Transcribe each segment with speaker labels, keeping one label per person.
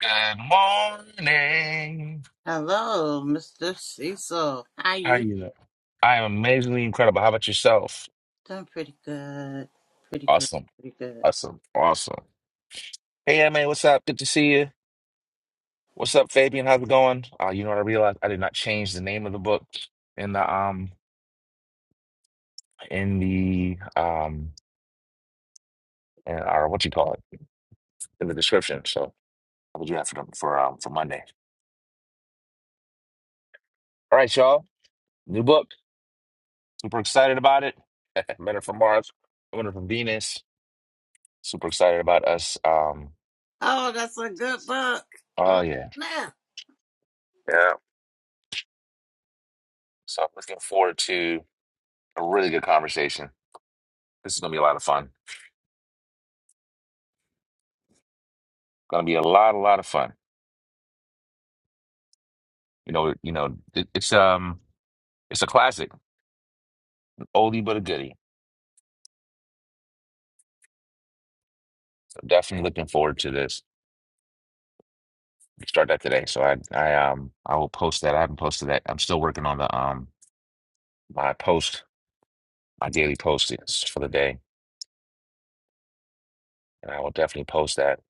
Speaker 1: Good morning.
Speaker 2: Hello, Mr. Cecil. How
Speaker 1: How
Speaker 2: you?
Speaker 1: you doing? I am amazingly incredible. How about yourself?
Speaker 2: Doing pretty good. Pretty good.
Speaker 1: Awesome.
Speaker 2: Pretty good.
Speaker 1: Awesome. Awesome. Hey, yeah, man, what's up? Good to see you. What's up, Fabian? How's it going? Uh, you know what I realized? I did not change the name of the book in the um in the um in our what you call it in the description. So I'll do that for them for um for Monday. All right, y'all. New book. Super excited about it. Men are from Mars. Women are from Venus. Super excited about us. Um.
Speaker 2: Oh, that's a good book.
Speaker 1: Oh
Speaker 2: Oh,
Speaker 1: yeah.
Speaker 2: snap.
Speaker 1: So I'm looking forward to a really good conversation. This is gonna be a lot of fun. Gonna be a lot, a lot of fun. You know, you know, it, it's um, it's a classic, an oldie but a goodie. So definitely looking forward to this. We start that today. So I, I um, I will post that. I haven't posted that. I'm still working on the um, my post, my daily post is for the day, and I will definitely post that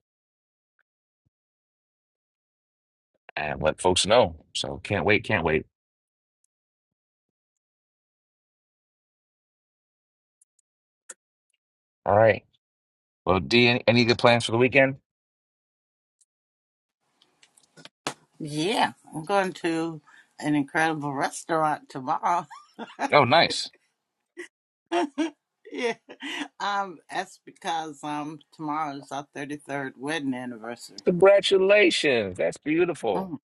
Speaker 1: and let folks know. So can't wait, can't wait. All right. Well, D, any, any good plans for the weekend?
Speaker 2: Yeah, I'm going to an incredible restaurant tomorrow.
Speaker 1: Oh, nice.
Speaker 2: yeah. Um, that's because um tomorrow is our 33rd wedding anniversary.
Speaker 1: Congratulations. That's beautiful.
Speaker 2: Mm,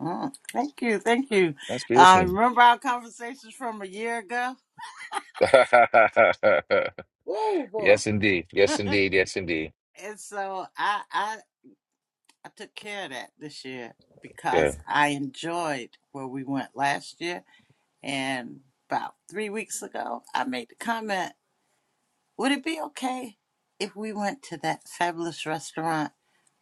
Speaker 2: mm. Thank you. Thank you.
Speaker 1: That's beautiful.
Speaker 2: Um, remember our conversations from a year ago? Oh boy.
Speaker 1: Yes, indeed. Yes,
Speaker 2: and
Speaker 1: indeed. Yes, indeed.
Speaker 2: so I, I, I took care of that this year
Speaker 1: Yeah.
Speaker 2: because I enjoyed where we went last year. And about three weeks ago, I made the comment Would it be okay if we went to that fabulous restaurant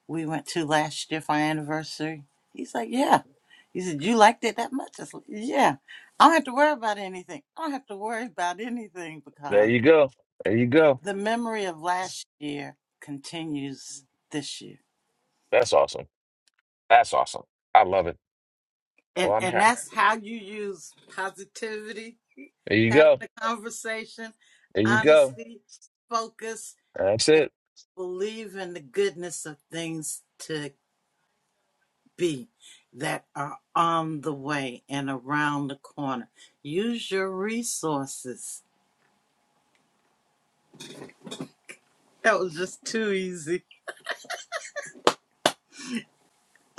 Speaker 2: we went to last year for our anniversary? He's like, Yeah. He said, You liked it that much? I said, Yeah. I don't have to worry about anything. I don't have to worry about anything
Speaker 1: There
Speaker 2: because
Speaker 1: you go. There you go.
Speaker 2: the memory of last year continues this year
Speaker 1: That's awesome. That's awesome. I love it. Well,
Speaker 2: And
Speaker 1: I'm
Speaker 2: and
Speaker 1: here.
Speaker 2: that's how you use positivity,
Speaker 1: There you
Speaker 2: having
Speaker 1: go.
Speaker 2: a conversation,
Speaker 1: There you go.
Speaker 2: honesty, focus,
Speaker 1: That's
Speaker 2: and
Speaker 1: it.
Speaker 2: believe in the goodness of things to be that are on the way and around the corner. Use your resources. That was just too easy.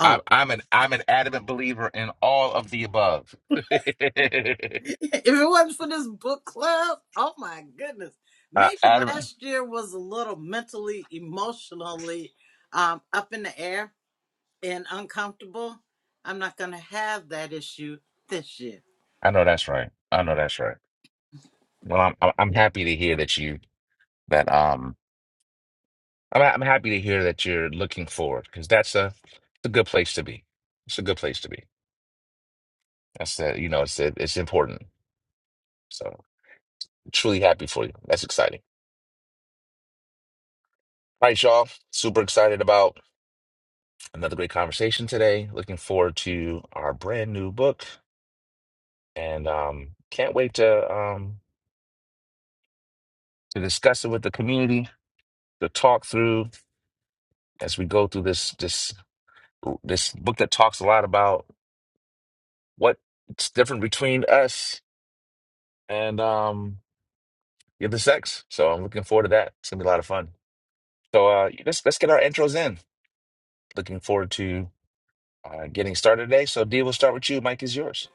Speaker 2: Oh,
Speaker 1: I'm an I'm an adamant believer in all of the above.
Speaker 2: if it wasn't for this book club, oh my goodness.
Speaker 1: Uh,
Speaker 2: Maybe
Speaker 1: adamant.
Speaker 2: last year was a little mentally, emotionally um, up in the air and uncomfortable. I'm not going to have that issue this year.
Speaker 1: I know that's right. I know that's right. Well, I'm I'm I'm happy to hear that you that um I'm I'm happy to hear that you're looking forward because that's a it's a good place to be. It's a good place to be. That's that, you know, it's it, it's important. So truly happy for you. That's exciting. All right, y'all. Super excited about another great conversation today. Looking forward to our brand new book and um can't wait to um to discuss it with the community, to talk through as we go through this this this book that talks a lot about what's different between us and um the other sex. So I'm looking forward to that. It's gonna be a lot of fun. So uh let's let's get our intros in. Looking forward to uh, getting started today. So, Dee, we'll start with you. Mike is yours.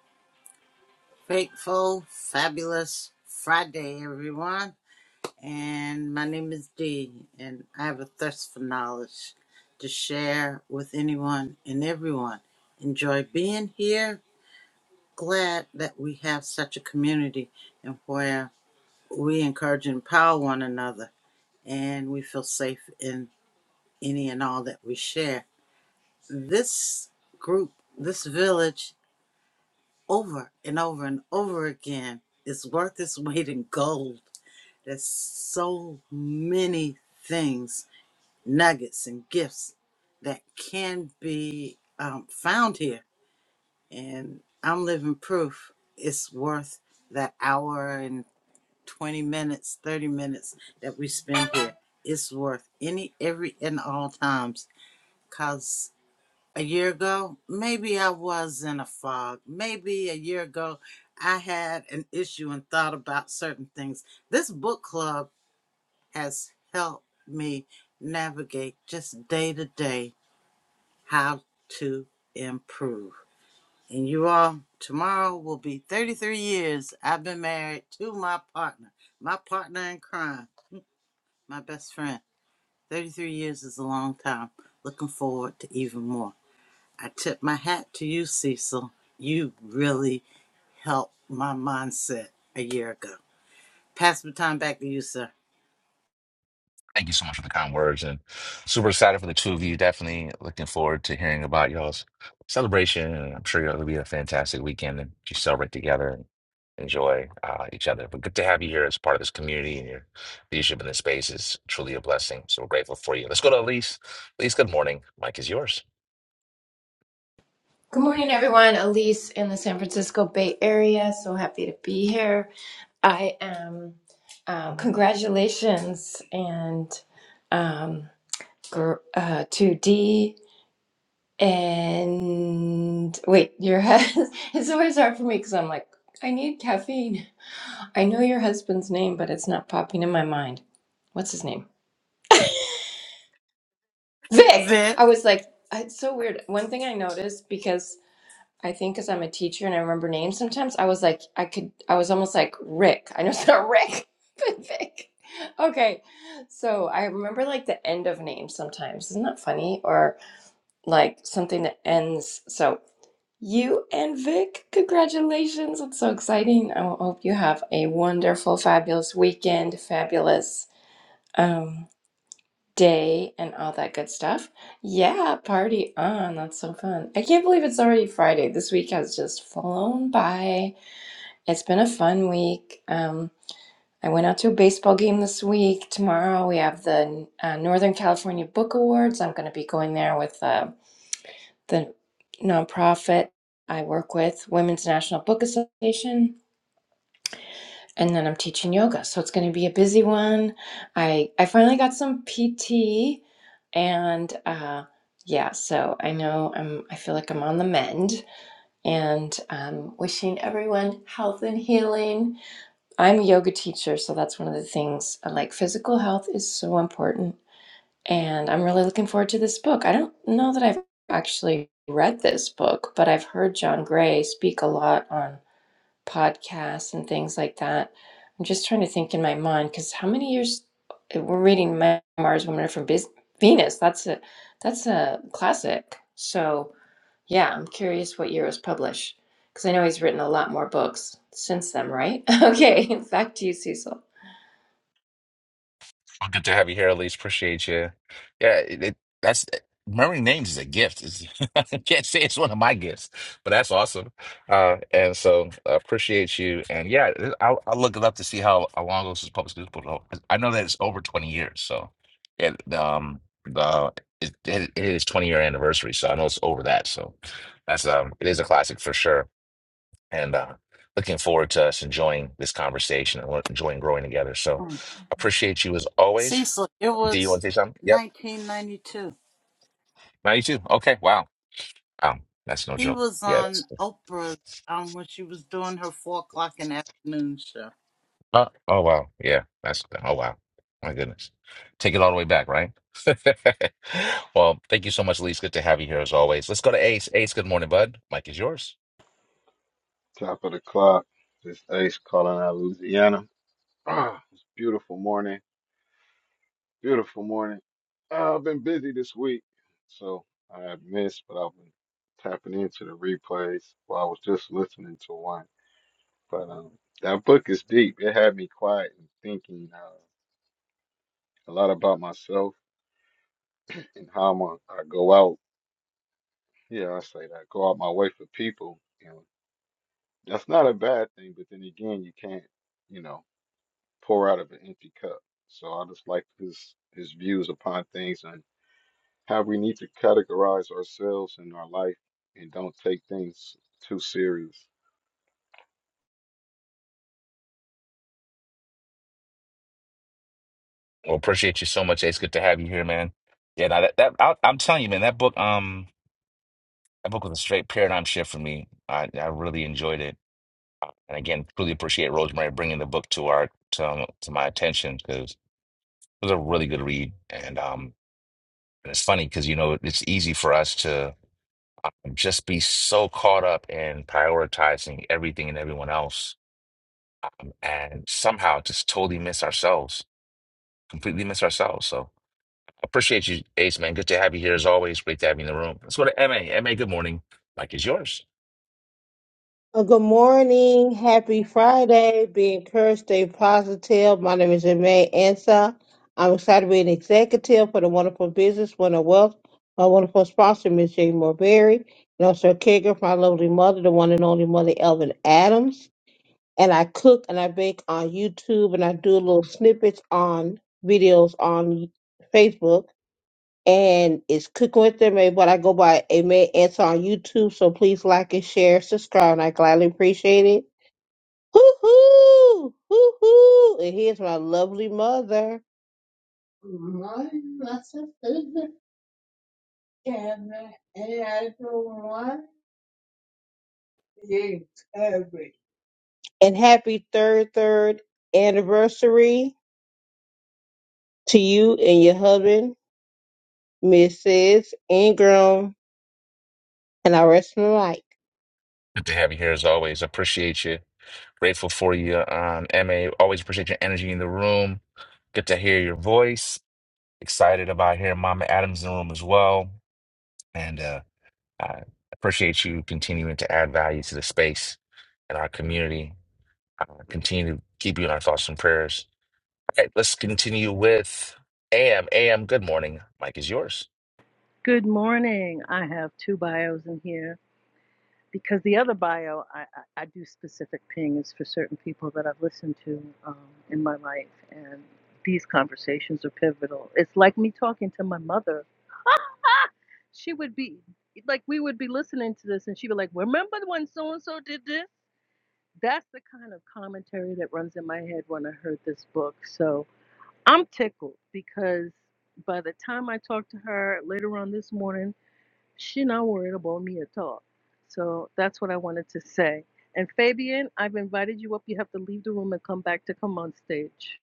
Speaker 2: Grateful, fabulous Friday, everyone. And my name is Dee, and I have a thirst for knowledge to share with anyone and everyone. Enjoy being here. Glad that we have such a community and where we encourage and empower one another and we feel safe in any and all that we share. This group, this village over and over and over again is worth its weight in gold. There's so many things, nuggets and gifts that can be um, found here. And I'm living proof it's worth that hour and 20 minutes, 30 minutes that we spend here. It's worth any, every, and all times cause a year ago, maybe I was in a fog. Maybe a year ago, I had an issue and thought about certain things. This book club has helped me navigate just day to day how to improve. And you all, tomorrow will be 33 years I've been married to my partner, my partner in crime, my best friend. 33 years is a long time. Looking forward to even more. I tip my hat to you, Cecil. You really helped my mindset a year ago. Pass the time back to you, sir.
Speaker 1: Thank you so much for the kind words and super excited for the two of you. Definitely looking forward to hearing about y'all's celebration. And I'm sure it'll be a fantastic weekend and you celebrate together and enjoy uh, each other. But good to have you here as part of this community and your leadership in this space is truly a blessing. So we're grateful for you. Let's go to Elise. Elise, good morning. Mike is yours.
Speaker 3: Good morning, everyone. Elise in the San Francisco Bay Area. So happy to be here. I am, um, congratulations and um, gr- uh, to D and wait, your husband. It's always hard for me because I'm like, I need caffeine. I know your husband's name, but it's not popping in my mind. What's his name? Vic.
Speaker 2: Vic,
Speaker 3: I was like, "Uh, it's so weird. One thing I noticed because I think because I'm a teacher and I remember names sometimes, I was like, I could, I was almost like Rick. I know it's not Rick, but Vic. Okay. So I remember like the end of names sometimes. Isn't that funny? Or like something that ends. So you and Vic, congratulations. It's so exciting. I hope you have a wonderful, fabulous weekend. Fabulous. Um, day and all that good stuff. Yeah, party on. That's so fun. I can't believe it's already Friday. This week has just flown by. It's been a fun week. Um, I went out to a baseball game this week. Tomorrow we have the uh, Northern California Book Awards. I'm going to be going there with uh, the nonprofit I work with, Women's National Book Association. and then I'm teaching yoga. So it's going to be a busy one. I I finally got some PT and uh yeah, so I know I'm I feel like I'm on the mend and um wishing everyone health and healing. I'm a yoga teacher, so that's one of the things uh, like physical health is so important and I'm really looking forward to this book. I don't know that I've actually read this book, but I've heard John Gray speak a lot on podcasts and things like that. I'm just trying to think in my mind because how many years eh, we're reading memoirs, Women Are from Biz- Venus. That's a that's a classic. So yeah, I'm curious what year it was published because I know he's written a lot more books since then, right? okay, back to you, Cecil.
Speaker 1: Well, good to have you here, Elise. Appreciate you. Yeah, it, it, that's eh, remembering names is a gift. It's, I can't say it's one of my gifts, but that's awesome. Uh, and so uh, appreciate you. And yeah, I'll, I'll look it up to see how, how long this is public school. for. I know that it's over 20 years. So yeah, um, the it, it it is 20 year anniversary. So I know it's over that. So that's um, it is a classic for sure. And uh, looking forward to us enjoying this conversation and enjoying growing together. So
Speaker 2: Mm.
Speaker 1: appreciate you as always.
Speaker 2: Cecil, it
Speaker 1: Do you want
Speaker 2: was
Speaker 1: to say something? Yep.
Speaker 2: 1992.
Speaker 1: ninety two. Okay. Wow. wow, that's no
Speaker 2: He
Speaker 1: joke.
Speaker 2: was
Speaker 1: Yeah.
Speaker 2: on
Speaker 1: That's.
Speaker 2: Oprah's um, when she was doing her 4 o'clock in the afternoon show.
Speaker 1: Uh, oh wow. Yeah. That's. Oh wow. My goodness. Take it all the way back, right? well, thank you so much, Elise. Good to have you here as always. Let's go to Ace. Ace, good morning, bud. Mike is yours.
Speaker 4: Top of the clock. This Ace calling out of Louisiana. Ah, it's a beautiful morning. Beautiful morning. Ah, I've been busy this week, so I have missed, but I've been tapping into the replays. Well, I was just listening to one, but um, that book is deep. It had me quiet and thinking uh, a lot about myself and how I'm a, I go out. Yeah, I say that. Go out my way for people. You know, that's not a bad thing, but then again, you can't. You know. pour out of an empty cup. So I just like his his views upon things and how we need to categorize ourselves in our life and don't take things too serious.
Speaker 1: Well, appreciate you so much, Ace. Good to have you here, man. Yeah. Now that, that I, I'm telling you, man, that book, um, that book was a straight paradigm shift for me. I, I really enjoyed it, and again, truly appreciate Rosemary bringing the book to our to, um, to my attention It was a really good read, and um, and it's funny because you know it's easy for us to just be so caught up in prioritizing everything and everyone else, and somehow just totally miss ourselves, completely miss ourselves. So I appreciate you, Ace man. Good to have you here as always. Great to have you in the room. Let's go to Ma. Ma, good morning. Mike is yours.
Speaker 5: Well, good morning. Happy Friday. Be encouraged, stay positive. My name is Jermaine Ansa. I'm excited to be an executive for the wonderful business, Winter Wealth. My wonderful sponsor, Ms. Jane Morberry, and also a caregiver for my lovely mother, the one and only mother, Elvin Adams. And I cook and I bake on YouTube and I do little snippets on videos on Facebook and it's Cooking with them. May what I go by Amen Answer on YouTube. So please like and share, subscribe, and I gladly appreciate it. Hoo hoo, hoo hoo, and here's my lovely mother. My that's a favorite camera, and I don't want it every- And happy third third anniversary to you and your husband, Mrs. Ingram, and I rest my life.
Speaker 1: Good to have you here as always. Appreciate you. Grateful for you, um, Ma. Always appreciate your energy in the room. Good to hear your voice. Excited about hearing Mama Adams in the room as well. And uh, I appreciate you continuing to add value to the space and our community. I continue to keep you in our thoughts and prayers. Okay, let's continue with AM. AM, good morning. Mike is yours.
Speaker 6: Good morning. I have two bios in here because the other bio I, I, I do specific pings for certain people that I've listened to um, in my life, and these conversations are pivotal. It's like me talking to my mother. she would be like, we would be listening to this, and she'd be like, "Remember when so and so did this?" That's the kind of commentary that runs in my head when I heard this book. So I'm tickled because by the time I talked to her later on this morning She's not worried about me at all. So that's what I wanted to say. And Fabian, I've invited you up. You have to leave the room and come back to come on stage.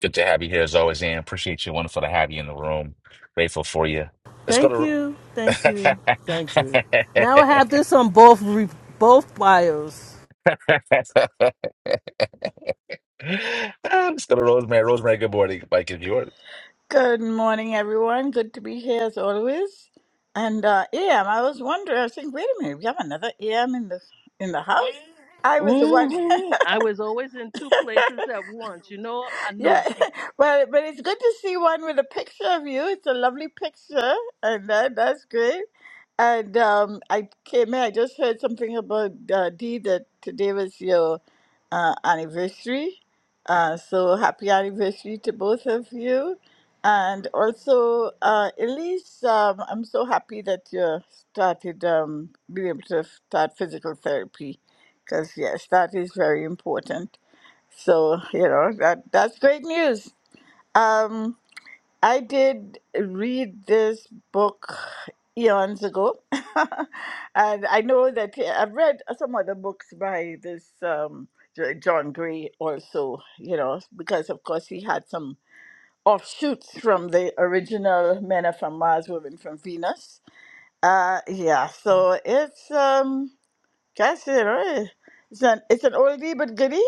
Speaker 1: Good to have you here as always, AM. Appreciate you. Wonderful to have you in the room. Grateful for you. Let's go
Speaker 7: Thank
Speaker 1: to
Speaker 7: you, thank you, thank you. Now I have this on both both bios.
Speaker 1: Ah, Let's go to Rosemary. Rosemary, good morning. Mike is yours.
Speaker 8: Good morning, everyone. Good to be here as always. And uh, AM, I was wondering. I was thinking, wait a minute, we have another AM in the in the house. I was the one.
Speaker 6: hmm I was always in two places at once. You know, I
Speaker 8: yeah,
Speaker 6: know Z.
Speaker 8: but but it's good to see one with a picture of you. It's a lovely picture, and that, that's great. And um, I came in, I just heard something about uh, Dee that today was your uh, anniversary. Uh, so happy anniversary to both of you. And also, uh, Elise, um, I'm so happy that you started um, being able to start physical therapy because, yes, that is very important. So, you know, that, that's great news. Um, I did read this book eons ago, and I know that yeah, I've read some other books by this um, Jo- John Gray also, you know, because of course he had some offshoots from the original Men Are From Mars, Women From Venus. Uh, yeah, so it's um, guess you know, it's an it's an oldie but goodie.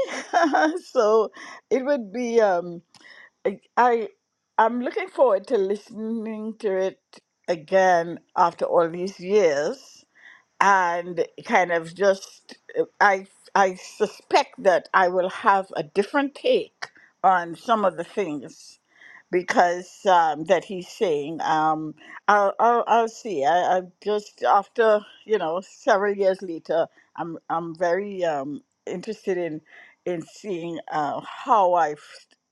Speaker 8: so it would be. um. I I- I'm looking forward to listening to it again after all these years and kind of just uh, I I suspect that I will have a different take on some of the things because um, that he's saying. Um, I'll, I'll I'll see. I, I just after you know several years later, I'm I'm very um, interested in in seeing uh, how I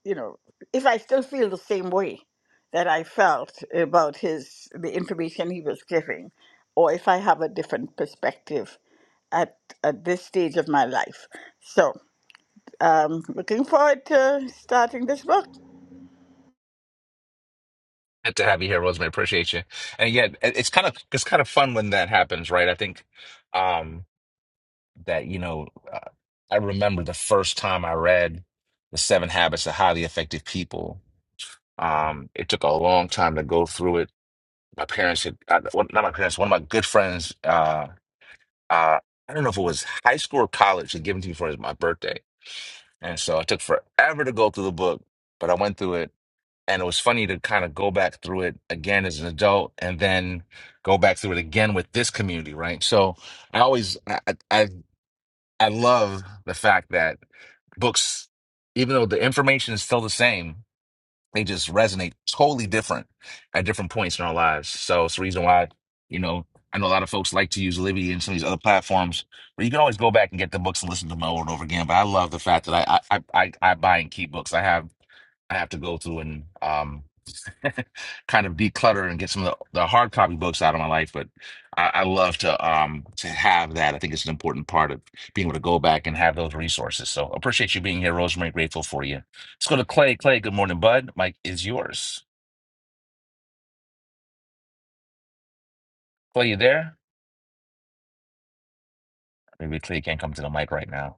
Speaker 8: you know if I still feel the same way that I felt about his the information he was giving or if I have a different perspective at, at this stage of my life. So, um, looking forward to starting this book.
Speaker 1: Good to have you here, Rosemary. Appreciate you. And yeah, it- it's kind of it's kind of fun when that happens, right? I think um that you know uh, i remember the first time i read the seven habits of highly effective people um it took a long time to go through it my parents had uh, well, not my parents one of my good friends uh uh i don't know if it was high school or college had given to me for his, my birthday and so it took forever to go through the book but i went through it and it was funny to kind of go back through it again as an adult and then go back through it again with this community right so i always i i I love the fact that books, even though the information is still the same, they just resonate totally different at different points in our lives. So it's the reason why, you know, I know a lot of folks like to use Libby and some of these other platforms, but you can always go back and get the books and listen to them over and over again. But I love the fact that I I I, I I buy and keep books. I have I have to go through and um kind of declutter and get some of the, the hard copy books out of my life. But I, I love to um to have that. I think it's an important part of being able to go back and have those resources. So appreciate you being here, Rosemary. Grateful for you. Let's go to Clay. Clay, good morning, bud. Mike is yours. Clay, you there? Maybe Clay can't come to the mic right now.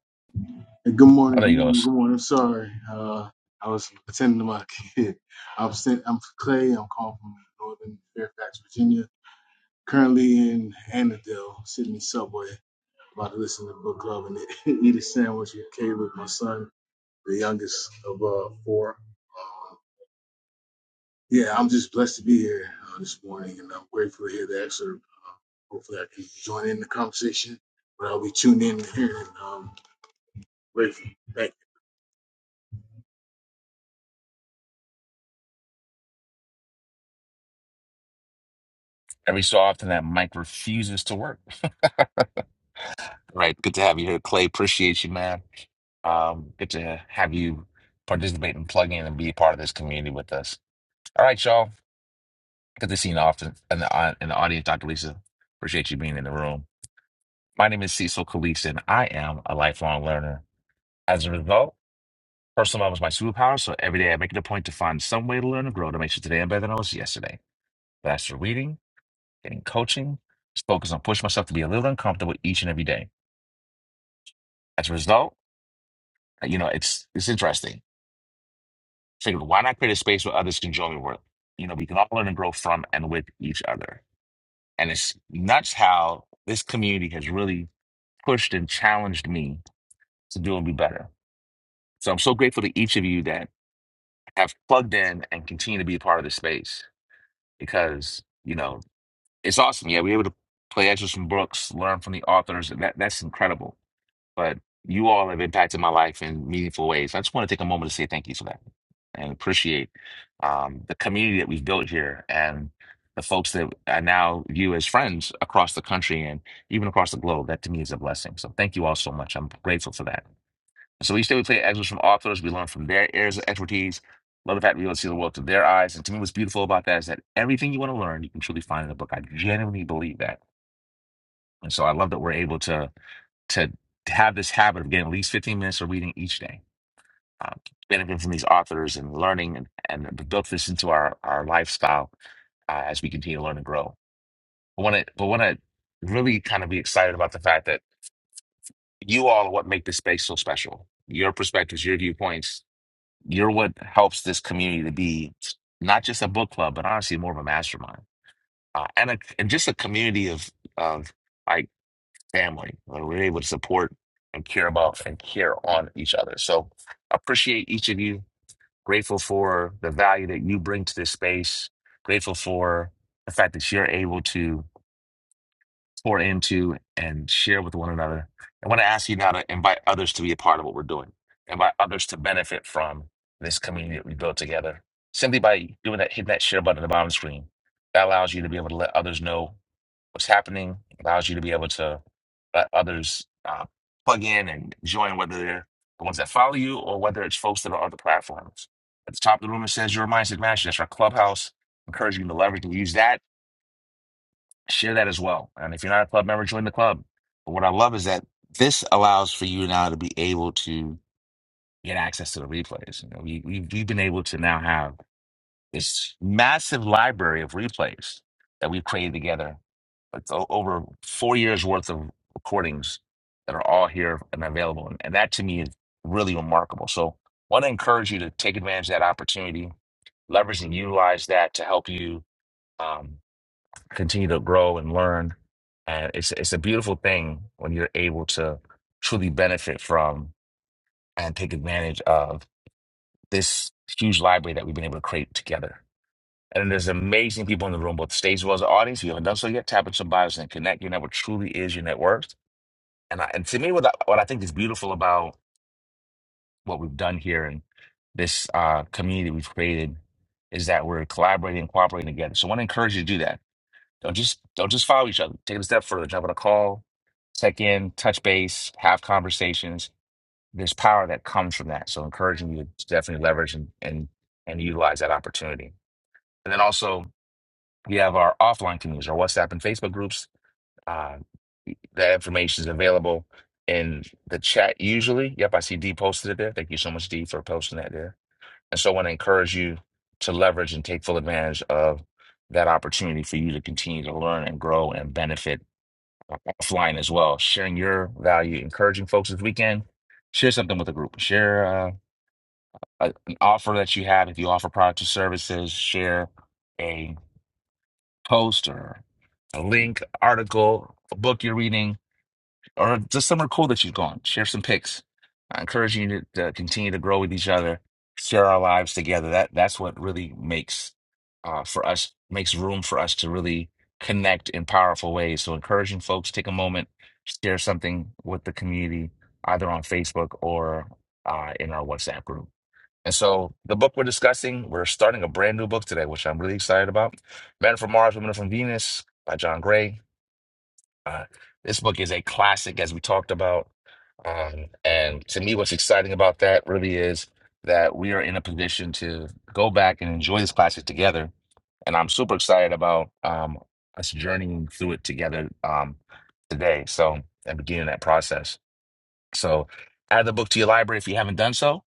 Speaker 9: Hey, Good
Speaker 1: Oh,
Speaker 9: morning,
Speaker 1: there
Speaker 9: good
Speaker 1: he
Speaker 9: morning,
Speaker 1: goes.
Speaker 9: good morning. I'm sorry. Uh, I was attending to my kid. I'm, sent, I'm Clay. I'm calling from Northern Fairfax, Virginia. Currently in Annandale, Sydney subway. About to listen to book club and eat a sandwich with Caleb, my son, the youngest of uh, four. Yeah, I'm just blessed to be here uh, this morning, and I'm grateful to hear the excerpt. Hopefully, I can join in the conversation, but I'll be tuned in and hearing. it. Um, grateful. Thank you.
Speaker 1: Every so often that mic refuses to work. Right. Good to have you here, Clay. Appreciate you, man. Um, good to have you participate and plug in and be a part of this community with us. All right, y'all. Good to see you often in the, au- in the audience, Dr. Lisa. Appreciate you being in the room. My name is Cecil Kalise, and I am a lifelong learner. As a result, personal development is my superpower, so every day I make it a point to find some way to learn and grow to make sure today I'm better than I was yesterday. That's through reading, getting coaching, just focus on pushing myself to be a little uncomfortable each and every day. As a result, you know, it's it's interesting. Figured, why not create a space where others can join me work? You know, we can all learn and grow from and with each other. And it's nuts how this community has really pushed and challenged me to do and be better. So I'm so grateful to each of you that have plugged in and continue to be a part of this space because, you know, it's awesome. Yeah, we're able to play extras from books, learn from the authors, and that, that's incredible. But you all have impacted my life in meaningful ways. I just want to take a moment to say thank you for that and appreciate um, the community that we've built here and the folks that I now view as friends across the country and even across the globe. That to me is a blessing. So thank you all so much. I'm grateful for that. so each day we play excerpts from authors, we learn from their areas of expertise. Love the fact we able to see the world through their eyes. And to me, what's beautiful about that is that everything you want to learn, you can truly find in a book. I genuinely believe that. And so I love that we're able to to have this habit of getting at least 15 minutes of reading each day. Um, benefiting from these authors and learning and, and we built this into our, our lifestyle uh, as we continue to learn and grow. I want to, but want to really kind of be excited about the fact that you all are what make this space so special. Your perspectives, your viewpoints, You're what helps this community to be not just a book club, but honestly more of a mastermind uh, and a, and just a community of of like family where we're able to support and care about and care on each other. So appreciate each of you. Grateful for the value that you bring to this space. Grateful for the fact that you're able to pour into and share with one another. I want to ask you now to invite others to be a part of what we're doing, invite others to benefit from this community that we built together. Simply by doing that, hitting that share button at the bottom screen, that allows you to be able to let others know what's happening, allows you to be able to let others uh, plug in and join, whether they're the ones that follow you or whether it's folks that are on other platforms. At the top of the room, it says your mindset master. That's our clubhouse. Encouraging you to leverage and use that share that as well. And if you're not a club member, join the club. But what I love is that this allows for you now to be able to get access to the replays. You know, we, we, we've been able to now have this massive library of replays that we've created together. It's o- over four years worth of recordings that are all here and available. And, and that to me is really remarkable. So want to encourage you to take advantage of that opportunity, leverage and utilize that to help you um, continue to grow and learn. And it's it's a beautiful thing when you're able to truly benefit from and take advantage of this huge library that we've been able to create together. And there's amazing people in the room, both stage as well as the audience. If you haven't done so yet, tap into some bios and connect. Your network truly is your net worth. And I, and to me, what I, what I think is beautiful about what we've done here and this uh, community we've created is that we're collaborating and cooperating together. So I want to encourage you to do that Don't just don't just follow each other. Take it a step further. Jump on a call, check in, touch base, have conversations. There's power that comes from that. So encouraging you to definitely leverage and and, and utilize that opportunity. And then also we have our offline communities, our WhatsApp and Facebook groups. Uh, that information is available in the chat usually. Yep, I see D posted it there. Thank you so much, D, for posting that there. And so I want to encourage you to leverage and take full advantage of that opportunity for you to continue to learn and grow and benefit offline as well, sharing your value, encouraging folks this weekend. Share something with a group. Share uh, a, an offer that you have. If you offer products or services, share a post or a link, article, a book you're reading or just somewhere cool that you've gone. Share some pics. I encourage you to, to continue to grow with each other, share our lives together. That that's what really makes uh, for us makes room for us to really connect in powerful ways. So encouraging folks, take a moment, share something with the community, either on Facebook or uh, in our WhatsApp group. And so the book we're discussing, we're starting a brand new book today, which I'm really excited about. Men from Mars, Women from Venus by John Gray. Uh, this book is a classic, as we talked about. Um, and to me, what's exciting about that really is that we are in a position to go back and enjoy this classic together. And I'm super excited about um, us journeying through it together um, today. So, and beginning that process. So, add the book to your library if you haven't done so,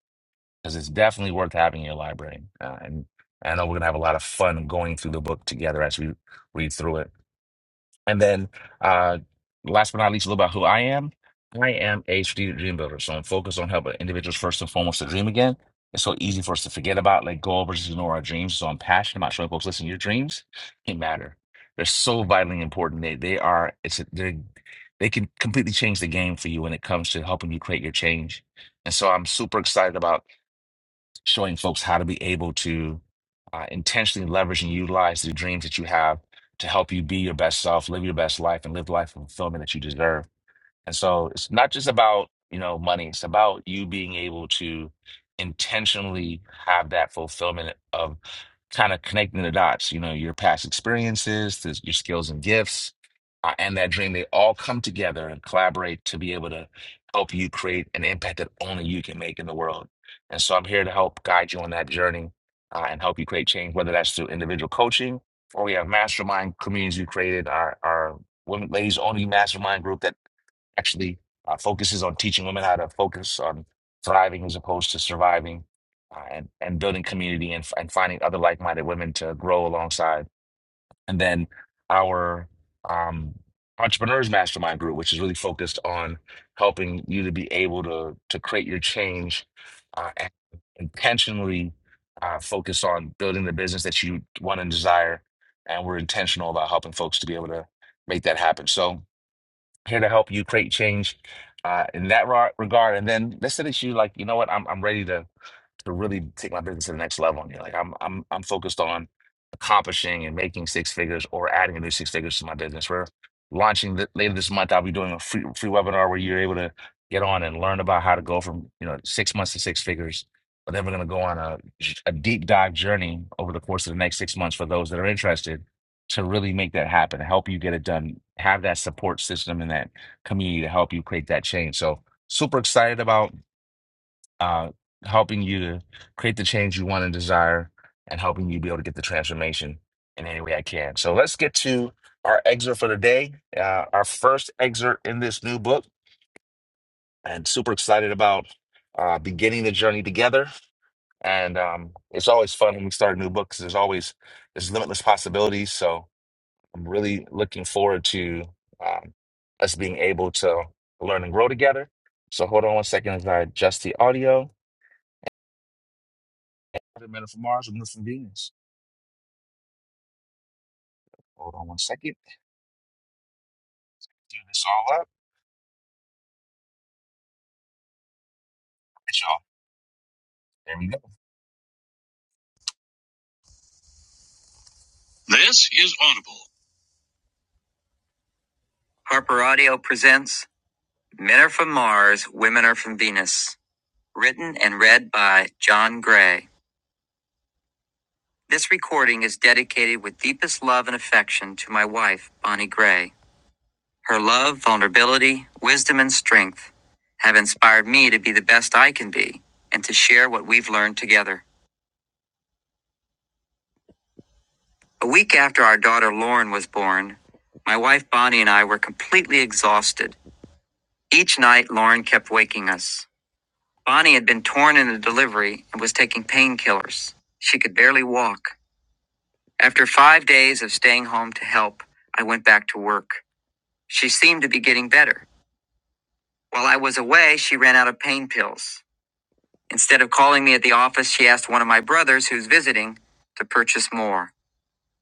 Speaker 1: because it's definitely worth having in your library. Uh, and I know we're going to have a lot of fun going through the book together as we read through it. And then, uh, last but not least, a little about who I am. I am a strategic dream builder, so I'm focused on helping individuals first and foremost to dream again. It's so easy for us to forget about, let go of, or just ignore our dreams. So I'm passionate about showing folks, listen, your dreams, they matter. They're so vitally important. They they are. It's a, they're they can completely change the game for you when it comes to helping you create your change. And so I'm super excited about showing folks how to be able to uh, intentionally leverage and utilize the dreams that you have to help you be your best self, live your best life, and live the life of fulfillment that you deserve. And so it's not just about, you know, money. It's about you being able to intentionally have that fulfillment of kind of connecting the dots, you know, your past experiences, to your skills and gifts, uh, and that dream. They all come together and collaborate to be able to help you create an impact that only you can make in the world. And so I'm here to help guide you on that journey uh, and help you create change, whether that's through individual coaching or we have mastermind communities we created, our, our women, ladies only mastermind group that actually uh, focuses on teaching women how to focus on thriving as opposed to surviving uh, and, and building community and, and finding other like-minded women to grow alongside. And then our um, entrepreneurs mastermind group, which is really focused on helping you to be able to, to create your change uh, and intentionally uh, focus on building the business that you want and desire. And we're intentional about helping folks to be able to make that happen. So, here to help you create change uh, in that ra- regard. And then let's say that you like, you know what, I'm I'm ready to to really take my business to the next level. And you're like, I'm I'm I'm focused on accomplishing and making six figures or adding a new six figures to my business. We're launching th- later this month. I'll be doing a free free webinar where you're able to get on and learn about how to go from you know six months to six figures. But then we're going to go on a j- a deep dive journey over the course of the next six months for those that are interested to really make that happen, help you get it done, have that support system and that community to help you create that change. So super excited about uh, helping you to create the change you want and desire, and helping you be able to get the transformation in any way I can. So let's get to our excerpt for the day, uh, our first excerpt in this new book, and super excited about uh, beginning the journey together. And um, it's always fun when we start a new book 'cause there's always there's limitless possibilities. So I'm really looking forward to um, us being able to learn and grow together. So hold on one second as I adjust the audio. Other men are from Mars and from Venus. Hold on one second. Do this all up. It's y'all. There we go. This is Audible. Harper Audio presents Men Are From Mars, Women Are From Venus, written and read by John Gray. This recording is dedicated with deepest love and affection to my wife, Bonnie Gray. Her love, vulnerability, wisdom, and strength have inspired me to be the best I can be and to share what we've learned together. A week after our daughter Lauren was born, my wife Bonnie and I were completely exhausted. Each night, Lauren kept waking us. Bonnie had been torn in the delivery and was taking painkillers. She could barely walk. After five days of staying home to help, I went back to work. She seemed to be getting better. While I was away, she ran out of pain pills. Instead of calling me at the office, she asked one of my brothers, who's visiting, to purchase more.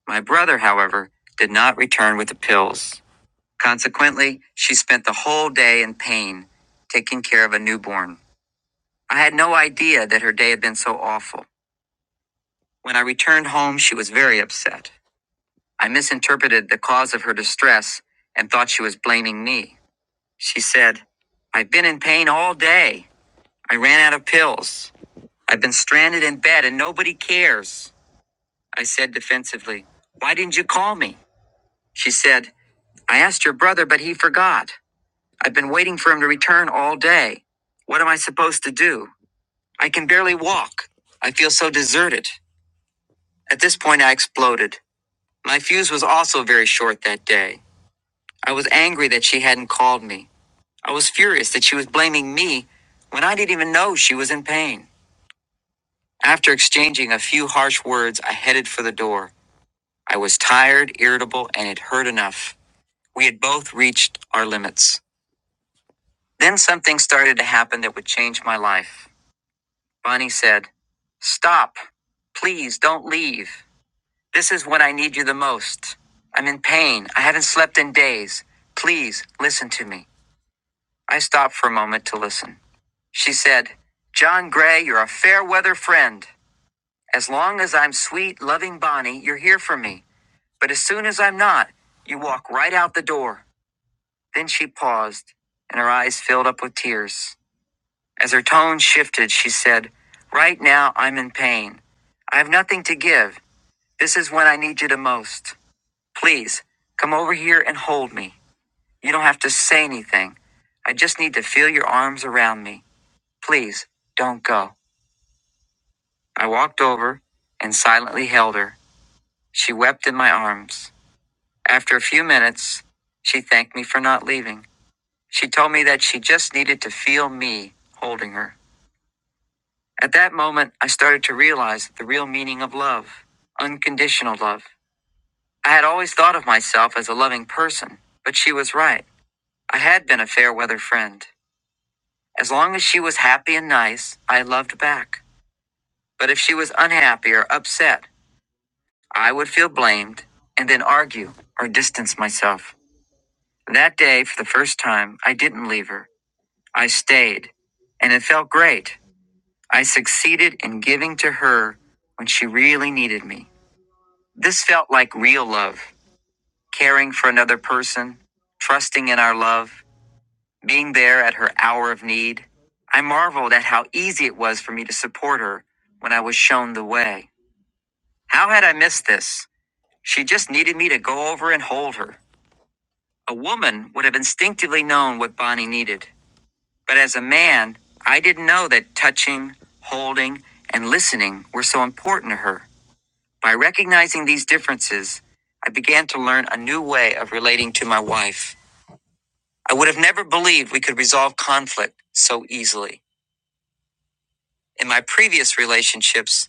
Speaker 1: My brother, however, did not return with the pills. Consequently, she spent the whole day in pain, taking care of a newborn. I had no idea that her day had been so awful. When I returned home, she was very upset. I misinterpreted the cause of her distress and thought she was blaming me. She said, I've been in pain all day. I ran out of pills. I've been stranded in bed and nobody cares. I said defensively, Why didn't you call me? She said, I asked your brother, but he forgot. I've been waiting for him to return all day. What am I supposed to do? I can barely walk. I feel so deserted. At this point, I exploded. My fuse was also very short that day. I was angry that she hadn't called me. I was furious that she was blaming me when I didn't even know she was in pain. After exchanging a few harsh words, I headed for the door. I was tired, irritable, and it hurt enough. We had both reached our limits. Then something started to happen that would change my life. Bonnie said, Stop. Please don't leave. This is when I need you the most. I'm in pain. I haven't slept in days. Please listen to me. I stopped for a moment to listen. She said, John Gray, you're a fair weather friend. As long as I'm sweet, loving Bonnie, you're here for me. But as soon as I'm not, you walk right out the door. Then she paused, and her eyes filled up with tears. As her tone shifted, she said, Right now, I'm in pain. I have nothing to give. This is when I need you the most. Please, come over here and hold me. You don't have to say anything. I just need to feel your arms around me. Please, don't go. I walked over and silently held her. She wept in my arms. After a few minutes, she thanked me for not leaving. She told me that she just needed to feel me holding her. At that moment, I started to realize the real meaning of love unconditional love. I had always thought of myself as a loving person, but she was right. I had been a fair weather friend. As long as she was happy and nice, I loved back. But if she was unhappy or upset, I would feel blamed and then argue or distance myself. That day, for the first time, I didn't leave her. I stayed, and it felt great. I succeeded in giving to her when she really needed me. This felt like real love caring for another person, trusting in our love, being there at her hour of need. I marveled at how easy it was for me to support her when I was shown the way. How had I missed this? She just needed me to go over and hold her. A woman would have instinctively known what Bonnie needed. But as a man, I didn't know that touching, holding, and listening were so important to her. By recognizing these differences, I began to learn a new way of relating to my wife. I would have never believed we could resolve conflict so easily. In my previous relationships,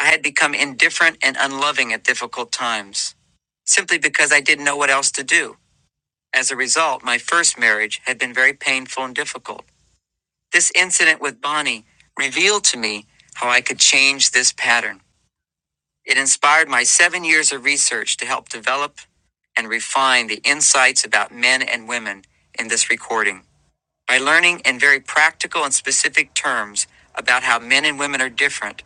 Speaker 1: I had become indifferent and unloving at difficult times, simply because I didn't know what else to do. As a result, my first marriage had been very painful and difficult. This incident with Bonnie revealed to me how I could change this pattern. It inspired my seven years of research to help develop and refine the insights about men and women in this recording. By learning in very practical and specific terms about how men and women are different,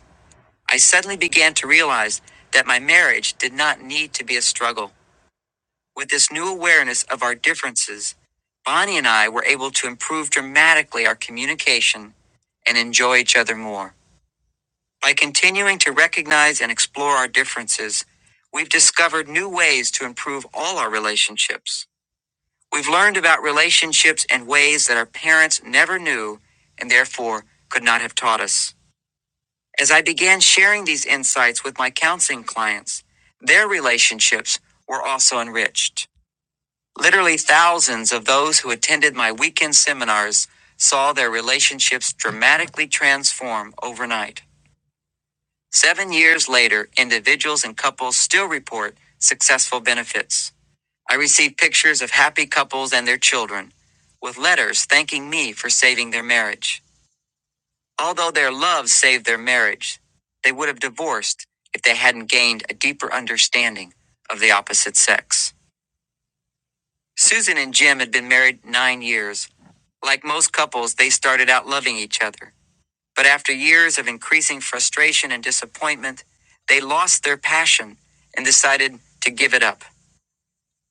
Speaker 1: I suddenly began to realize that my marriage did not need to be a struggle. With this new awareness of our differences, Bonnie and I were able to improve dramatically our communication and enjoy each other more. By continuing to recognize and explore our differences, we've discovered new ways to improve all our relationships. We've learned about relationships in ways that our parents never knew and therefore could not have taught us. As I began sharing these insights with my counseling clients, their relationships were also enriched. Literally thousands of those who attended my weekend seminars saw their relationships dramatically transform overnight. Seven years later, individuals and couples still report successful benefits. I receive pictures of happy couples and their children with letters thanking me for saving their marriage. Although their love saved their marriage, they would have divorced if they hadn't gained a deeper understanding of the opposite sex. Susan and Jim had been married nine years. Like most couples, they started out loving each other. But after years of increasing frustration and disappointment, they lost their passion and decided to give it up.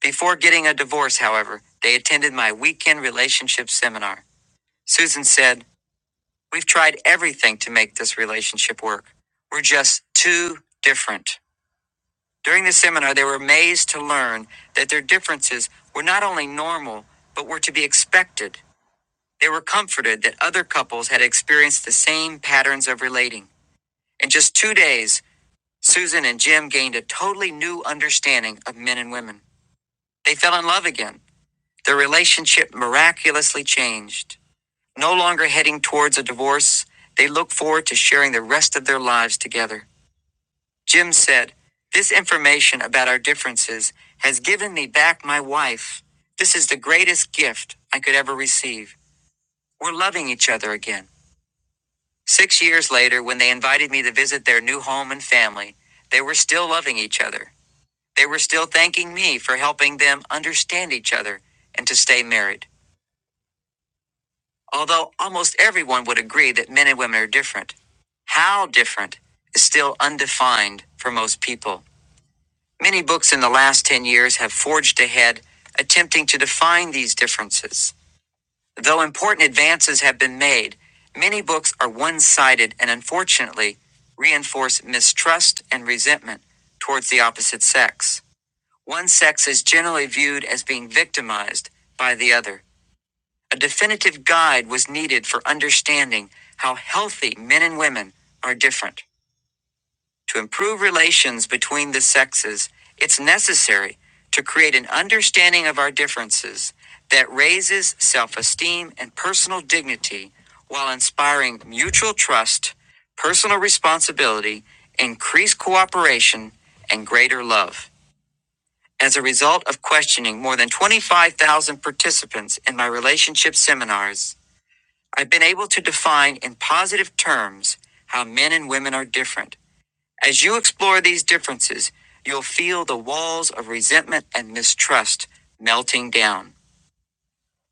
Speaker 1: Before getting a divorce, however, they attended my weekend relationship seminar. Susan said, We've tried everything to make this relationship work. We're just too different. During the seminar, they were amazed to learn that their differences were not only normal, but were to be expected. They were comforted that other couples had experienced the same patterns of relating. In just two days, Susan and Jim gained a totally new understanding of men and women. They fell in love again. Their relationship miraculously changed. No longer heading towards a divorce, they looked forward to sharing the rest of their lives together. Jim said, This information about our differences has given me back my wife. This is the greatest gift I could ever receive. We're loving each other again. Six years later, when they invited me to visit their new home and family, they were still loving each other. They were still thanking me for helping them understand each other and to stay married. Although almost everyone would agree that men and women are different, how different is still undefined for most people. Many books in the last 10 years have forged ahead, attempting to define these differences. Though important advances have been made, many books are one sided and unfortunately reinforce mistrust and resentment towards the opposite sex. One sex is generally viewed as being victimized by the other. A definitive guide was needed for understanding how healthy men and women are different. To improve relations between the sexes, it's necessary to create an understanding of our differences that raises self esteem and personal dignity while inspiring mutual trust, personal responsibility, increased cooperation, and greater love. As a result of questioning more than 25,000 participants in my relationship seminars, I've been able to define in positive terms how men and women are different. As you explore these differences, you'll feel the walls of resentment and mistrust melting down.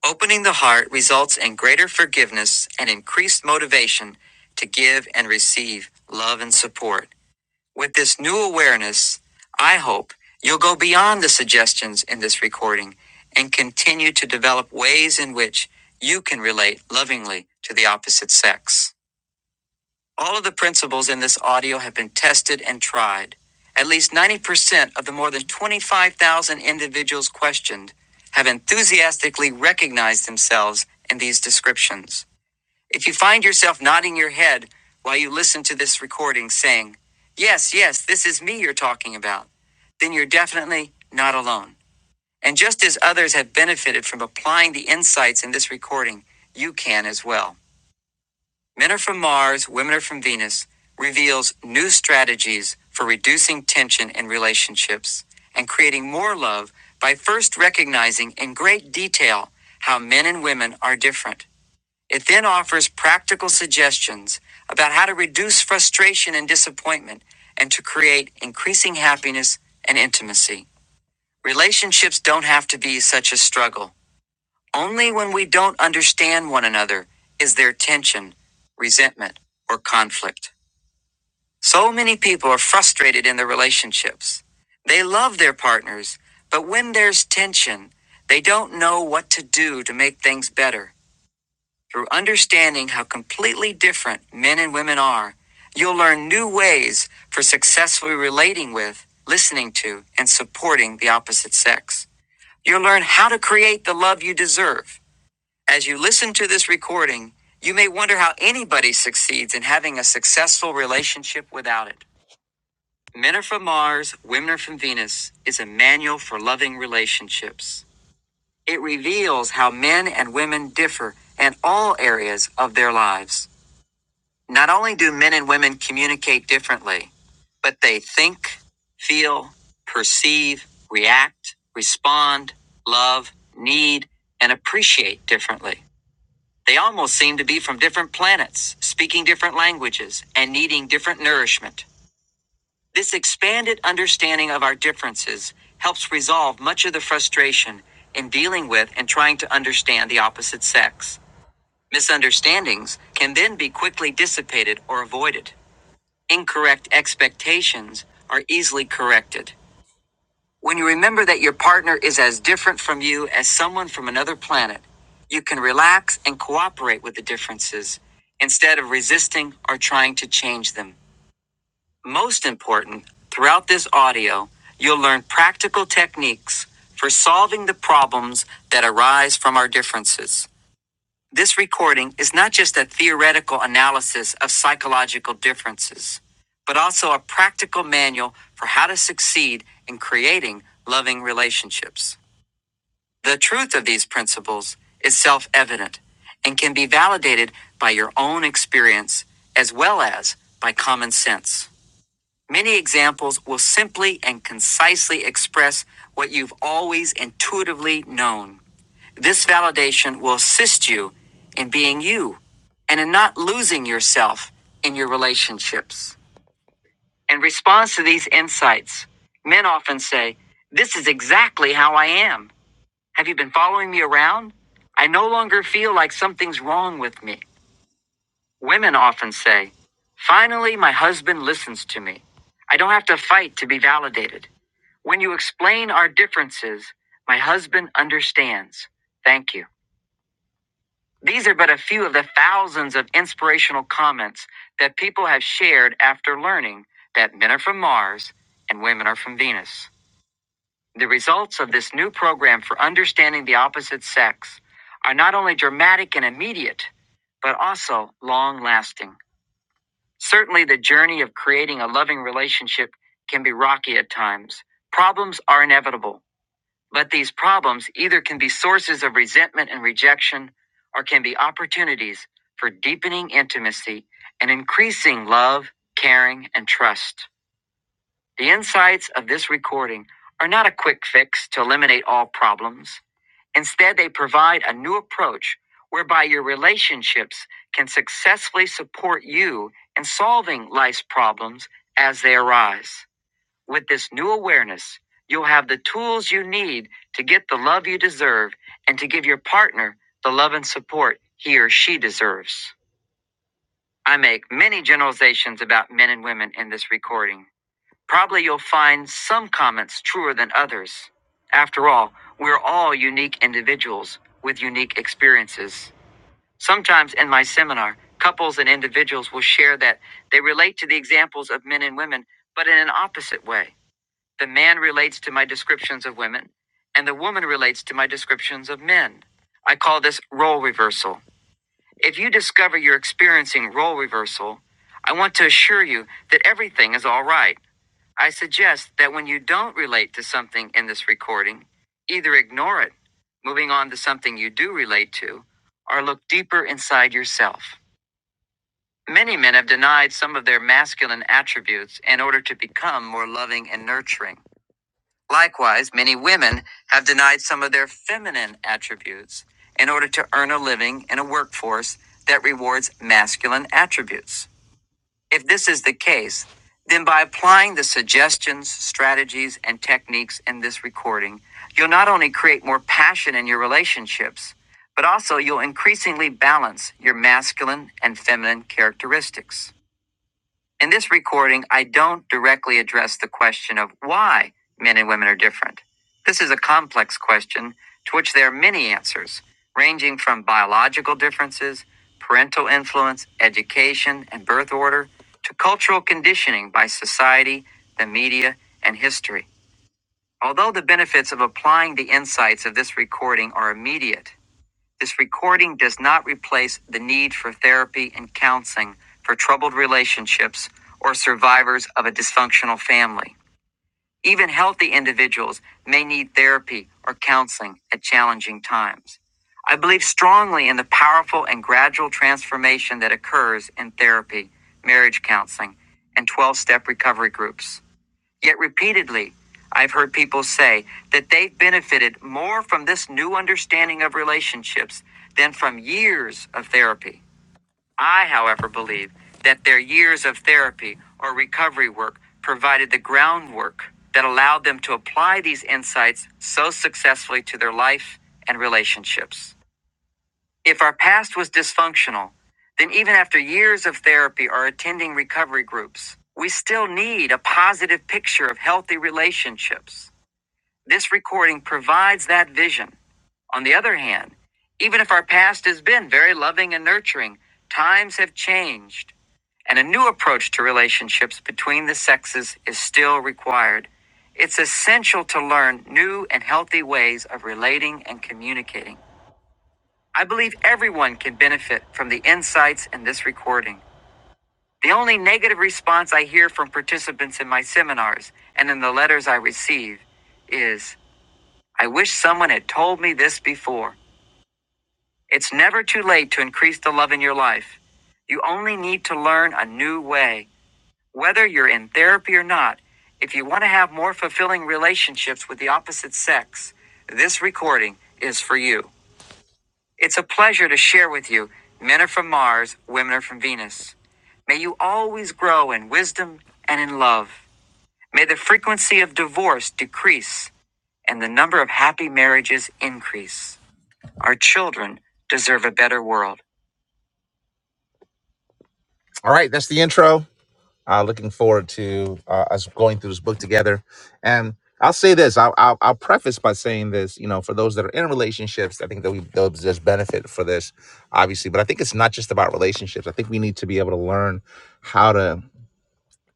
Speaker 1: Opening the heart results in greater forgiveness and increased motivation to give and receive love and support. With this new awareness, I hope you'll go beyond the suggestions in this recording and continue to develop ways in which you can relate lovingly to the opposite sex. All of the principles in this audio have been tested and tried. At least 90% of the more than 25,000 individuals questioned have enthusiastically recognized themselves in these descriptions. If you find yourself nodding your head while you listen to this recording saying, Yes, yes, this is me you're talking about, then you're definitely not alone. And just as others have benefited from applying the insights in this recording, you can as well. Men are from Mars, Women are from Venus reveals new strategies for reducing tension in relationships and creating more love by first recognizing in great detail how men and women are different. It then offers practical suggestions about how to reduce frustration and disappointment and to create increasing happiness and intimacy. Relationships don't have to be such a struggle. Only when we don't understand one another is there tension, resentment, or conflict. So many people are frustrated in their relationships. They love their partners, but when there's tension, they don't know what to do to make things better. Through understanding how completely different men and women are, you'll learn new ways for successfully relating with, listening to, and supporting the opposite sex. You'll learn how to create the love you deserve. As you listen to this recording, you may wonder how anybody succeeds in having a successful relationship without it. Men are from Mars, Women are from Venus is a manual for loving relationships. It reveals how men and women differ in all areas of their lives. Not only do men and women communicate differently, but they think, feel, perceive, react, respond, love, need, and appreciate differently. They almost seem to be from different planets, speaking different languages, and needing different nourishment. This expanded understanding of our differences helps resolve much of the frustration in dealing with and trying to understand the opposite sex. Misunderstandings can then be quickly dissipated or avoided. Incorrect expectations are easily corrected. When you remember that your partner is as different from you as someone from another planet, you can relax and cooperate with the differences instead of resisting or trying to change them. Most important, throughout this audio, you'll learn practical techniques for solving the problems that arise from our differences. This recording is not just a theoretical analysis of psychological differences, but also a practical manual for how to succeed in creating loving relationships. The truth of these principles is self evident and can be validated by your own experience as well as by common sense. Many examples will simply and concisely express what you've always intuitively known. This validation will assist you in being you and in not losing yourself in your relationships. In response to these insights, men often say, This is exactly how I am. Have you been following me around? I no longer feel like something's wrong with me. Women often say, Finally, my husband listens to me. I don't have to fight to be validated. When you explain our differences, my husband understands. Thank you. These are but a few of the thousands of inspirational comments that people have shared after learning that men are from Mars and women are from Venus. The results of this new program for understanding the opposite sex are not only dramatic and immediate, but also long lasting. Certainly, the journey of creating a loving relationship can be rocky at times. Problems are inevitable. But these problems either can be sources of resentment and rejection or can be opportunities for deepening intimacy and increasing love, caring, and trust. The insights of this recording are not a quick fix to eliminate all problems. Instead, they provide a new approach whereby your relationships can successfully support you in solving life's problems as they arise. With this new awareness, you'll have the tools you need to get the love you deserve and to give your partner the love and support he or she deserves. I make many generalizations about men and women in this recording. Probably you'll find some comments truer than others. After all, we're all unique individuals with unique experiences. Sometimes in my seminar, couples and individuals will share that they relate to the examples of men and women, but in an opposite way. The man relates to my descriptions of women, and the woman relates to my descriptions of men. I call this role reversal. If you discover you're experiencing role reversal, I want to assure you that everything is all right. I suggest that when you don't relate to something in this recording, either ignore it, moving on to something you do relate to, or look deeper inside yourself. Many men have denied some of their masculine attributes in order to become more loving and nurturing. Likewise, many women have denied some of their feminine attributes in order to earn a living in a workforce that rewards masculine attributes. If this is the case, then by applying the suggestions, strategies, and techniques in this recording, you'll not only create more passion in your relationships, but also you'll increasingly balance your masculine and feminine characteristics. In this recording, I don't directly address the question of why men and women are different. This is a complex question to which there are many answers, ranging from biological differences, parental influence, education, and birth order, to cultural conditioning by society, the media, and history. Although the benefits of applying the insights of this recording are immediate, this recording does not replace the need for therapy and counseling for troubled relationships or survivors of a dysfunctional family. Even healthy individuals may need therapy or counseling at challenging times. I believe strongly in the powerful and gradual transformation that occurs in therapy, marriage counseling, and 12 step recovery groups. Yet repeatedly, I've heard people say that they've benefited more from this new understanding of relationships than from years of therapy. I, however, believe that their years of therapy or recovery work provided the groundwork that allowed them to apply these insights so successfully to their life and relationships. If our past was dysfunctional, then even after years of therapy or attending recovery groups, we still need a positive picture of healthy relationships. This recording provides that vision. On the other hand, even if our past has been very loving and nurturing, times have changed, and a new approach to relationships between the sexes is still required. It's essential to learn new and healthy ways of relating and communicating. I believe everyone can benefit from the insights in this recording. The only negative response I hear from participants in my seminars and in the letters I receive is I wish someone had told me this before. It's never too late to increase the love in your life. You only need to learn a new way. Whether you're in therapy or not, if you want to have more fulfilling relationships with the opposite sex, this recording is for you. It's a pleasure to share with you. Men are from Mars, women are from Venus. May you always grow in wisdom and in love. May the frequency of divorce decrease and the number of happy marriages increase. Our children deserve a better world. All right, that's the intro. Uh, looking forward to uh, us going through this book together. And I'll say this: I'll, I'll, I'll preface by saying this. You know, for those that are in relationships, I think that we they'll just benefit for this, obviously. But I think it's not just about relationships. I think we need to be able to learn how to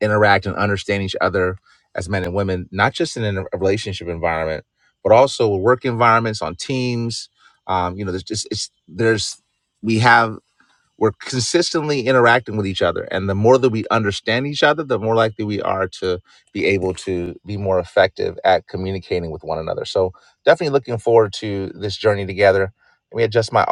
Speaker 1: interact and understand each other as men and women, not just in a relationship environment, but also work environments on teams. Um, you know, there's just it's there's we have we're consistently interacting with each other and the more that we understand each other the more likely we are to be able to be more effective at communicating with one another so definitely looking forward to this journey together let me adjust my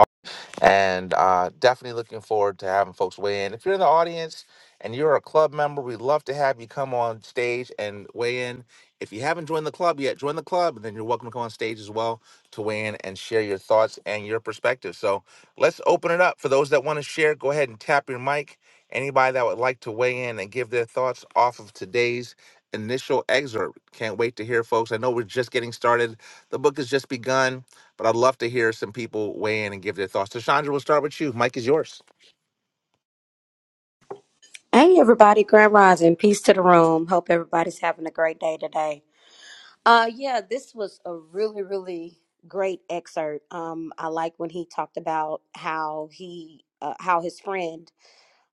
Speaker 1: and uh, definitely looking forward to having folks weigh in. If you're in the audience and you're a club member, we'd love to have you come on stage and weigh in. If you haven't joined the club yet, join the club, and then you're welcome to come on stage as well to weigh in and share your thoughts and your perspective. So let's open it up for those that want to share. Go ahead and tap your mic. Anybody that would like to weigh in and give their thoughts off of today's initial excerpt. Can't wait to hear folks. I know we're just getting started. The book has just begun. But I'd love to hear some people weigh in and give their thoughts. Tashandra, we'll start with you. Mike is yours.
Speaker 10: Hey everybody, Grand Rising. Peace to the room. Hope everybody's having a great day today. Uh yeah, this was a really, really great excerpt. Um I like when he talked about how he uh, how his friend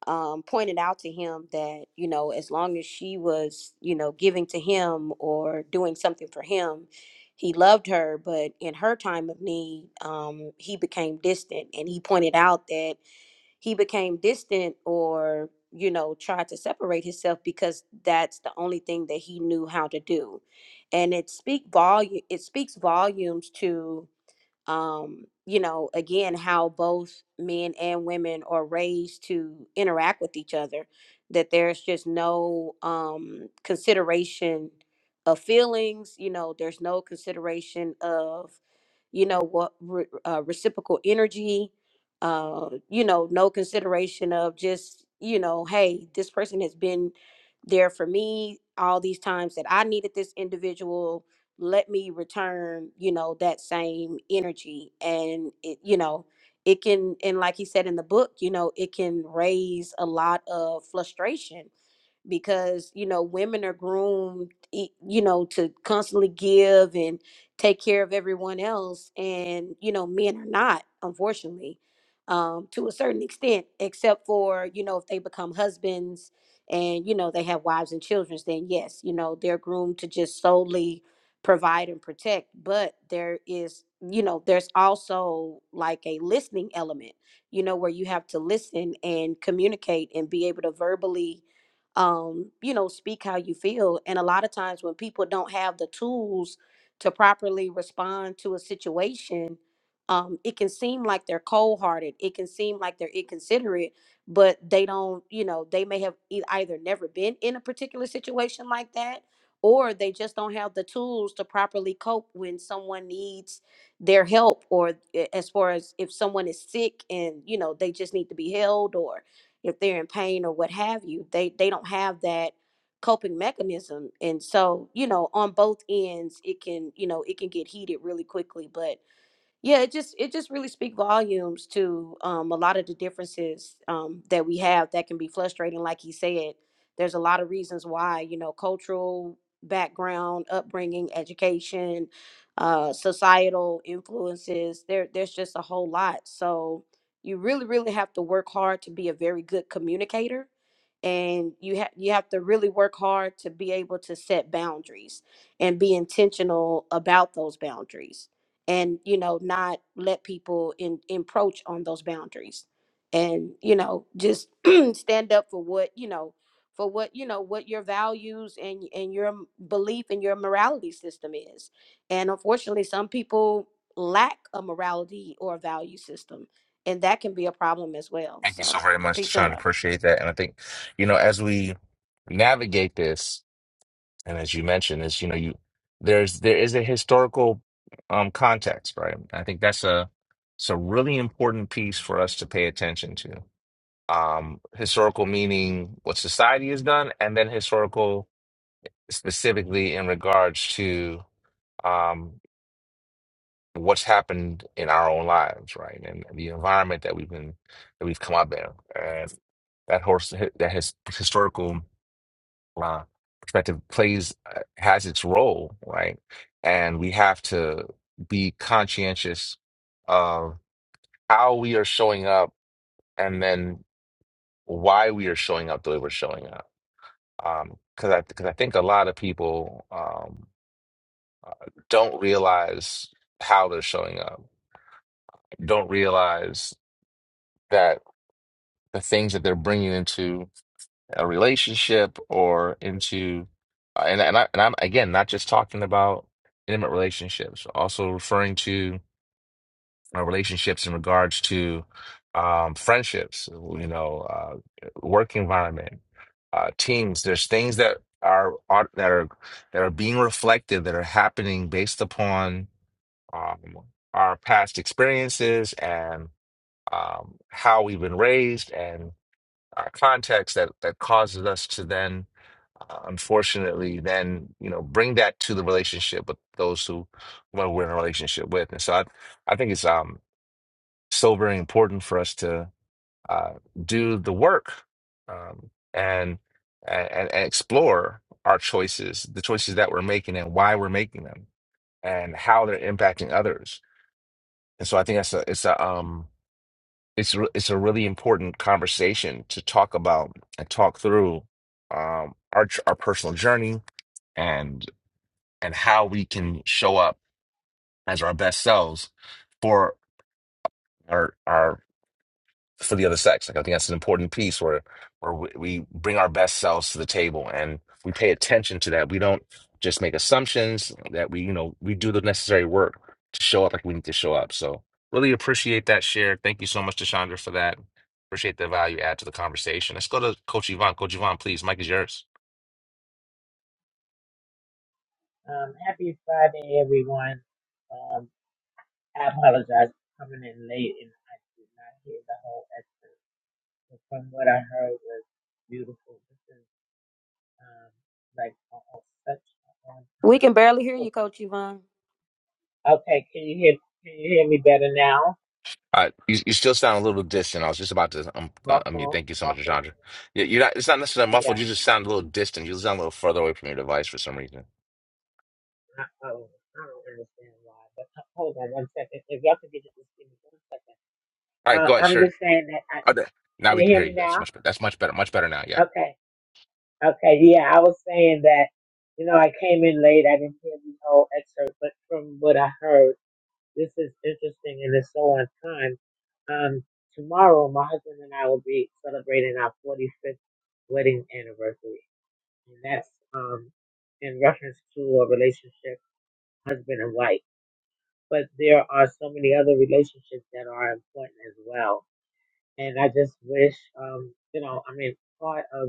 Speaker 10: um pointed out to him that, you know, as long as she was, you know, giving to him or doing something for him, he loved her, but in her time of need, um he became distant and he pointed out that he became distant or you know tried to separate himself because that's the only thing that he knew how to do and it speak volume it speaks volumes to um, you know, again, how both men and women are raised to interact with each other, that there's just no um, consideration of feelings, you know, there's no consideration of, you know, what re- uh, reciprocal energy, uh, you know, no consideration of just, you know, hey, this person has been there for me all these times that I needed this individual let me return you know that same energy and it you know it can and like he said in the book you know it can raise a lot of frustration because you know women are groomed e- you know to constantly give and take care of everyone else and you know men are not unfortunately um to a certain extent except for you know if they become husbands and you know they have wives and children then yes you know they're groomed to just solely provide and protect but there is you know there's also like a listening element you know where you have to listen and communicate and be able to verbally um, you know, speak how you feel. And a lot of times when people don't have the tools to properly respond to a situation, um, it can seem like they're cold hearted. It can seem like they're inconsiderate, but they don't, you know, they may have e- either never been in a particular situation like that, or they just don't have the tools to properly cope when someone needs their help, or a- as far as if someone is sick and, you know, they just need to be held, or if they're in pain or what have you they they don't have that coping mechanism and so you know on both ends it can you know it can get heated really quickly but yeah it just it just really speak volumes to um, a lot of the differences um, that we have that can be frustrating like he said there's a lot of reasons why you know cultural background upbringing education uh, societal influences there there's just a whole lot so you really really have to work hard to be a very good communicator and you have you have to really work hard to be able to set boundaries and be intentional about those boundaries and you know not let people in encroach on those boundaries and you know just stand up for what you know for what you know what your values and and your m- belief and your morality system is and unfortunately some people lack a morality or a value system and that can be a problem as well
Speaker 1: Thank you
Speaker 10: so
Speaker 1: so very much,
Speaker 10: peace and
Speaker 1: Tashandra.
Speaker 10: love
Speaker 1: Appreciate that. And I think, you know, as we navigate this, and as you mentioned, is you know, you there's there is a historical um context, right? I think that's a it's a really important piece for us to pay attention to. Um, historical meaning what society has done, and then historical specifically in regards to um what's happened in our own lives, right? And the environment that we've been that we've come up in, and that horse that his historical uh, perspective plays uh, has its role, right? And we have to be conscientious of how we are showing up, and then why we are showing up the way we're showing up. Um, Because I because I think a lot of people um, don't realize how they're showing up, don't realize that. the things that they're bringing into a relationship or into uh, and and, I, and I'm again not just talking about intimate relationships, also referring to uh, relationships in regards to um, friendships, you know, uh, work environment, uh, teams. There's things that are, are that are that are being reflected that are happening based upon um, our past experiences and um, how we've been raised and uh, context that that causes us to then uh, unfortunately then you know bring that to the relationship with those who when we're in a relationship with and so i i think it's um so very important for us to uh do the work um and and, and explore our choices the choices that we're making and why we're making them and how they're impacting others and so i think that's a it's a um it's re- it's a really important conversation to talk about and talk through um, our j- our personal journey and and how we can show up as our best selves for our our for the other sex. Like I think that's an important piece where where we, we bring our best selves to the table and we pay attention to that. We don't just make assumptions that we you know we do the necessary work to show up like we need to show up. So really appreciate that share. Thank you so much, Chandra, for that. Appreciate the value add to the conversation. Let's go to Coach Yvonne. Coach Yvonne, please. Mike is yours.
Speaker 11: Um, happy Friday, everyone. Um, I apologize for coming in late and I did not hear the whole excerpt. But from what I heard was beautiful. This is um, like almost such a long
Speaker 10: we
Speaker 11: time.
Speaker 10: can barely hear
Speaker 11: book.
Speaker 10: you coach yvonne
Speaker 11: Okay, can you hear can you hear me better now?
Speaker 1: All right, you, you still sound a little distant. I was just about to um, uh, unmute.
Speaker 11: Muffle,
Speaker 1: Thank you so much,
Speaker 11: muffle.
Speaker 1: Chandra. You, you're not. It's not necessarily muffled.
Speaker 11: Yeah.
Speaker 1: You just sound a little distant. You sound a little further away from your device for some reason.
Speaker 11: I, oh, I don't understand why. But h- hold on one second. If y'all could get it, just give me one second.
Speaker 1: All right,
Speaker 11: Uh,
Speaker 1: go ahead.
Speaker 11: I'm
Speaker 1: Sure.
Speaker 11: just saying that I
Speaker 1: Okay. Now
Speaker 11: can
Speaker 1: we
Speaker 11: you
Speaker 1: can
Speaker 11: hear
Speaker 1: hear
Speaker 11: me
Speaker 1: you. That's
Speaker 11: now?
Speaker 1: much better. That's much better. Much better now. Yeah.
Speaker 11: Okay. Okay, yeah, I was saying that, you know, I came in late. I didn't hear the whole excerpt, but from what I heard, this is interesting and it's so on time. Um, tomorrow, my husband and I will be celebrating our 45th wedding anniversary. And that's um, in reference to a relationship, husband and wife. But there are so many other relationships that are important as well. And I just wish, um, you know, I mean, part of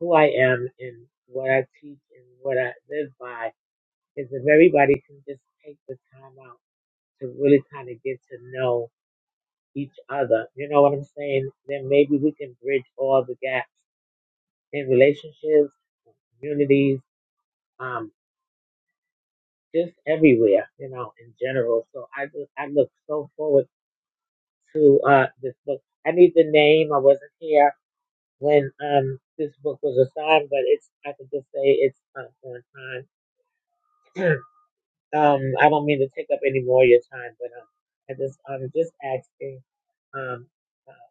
Speaker 11: who I am and what I teach and what I live by is if everybody can just take the time out to really kind of get to know each other. You know what I'm saying? Then maybe we can bridge all the gaps in relationships, communities, um, just everywhere, you know, in general. So I just, I look so forward to uh, this book. I need the name. I wasn't here when um, this book was assigned, but it's I can just say it's uh, on time. Um, I don't mean to take up any more of your time, but um, I just I'm just asking um uh,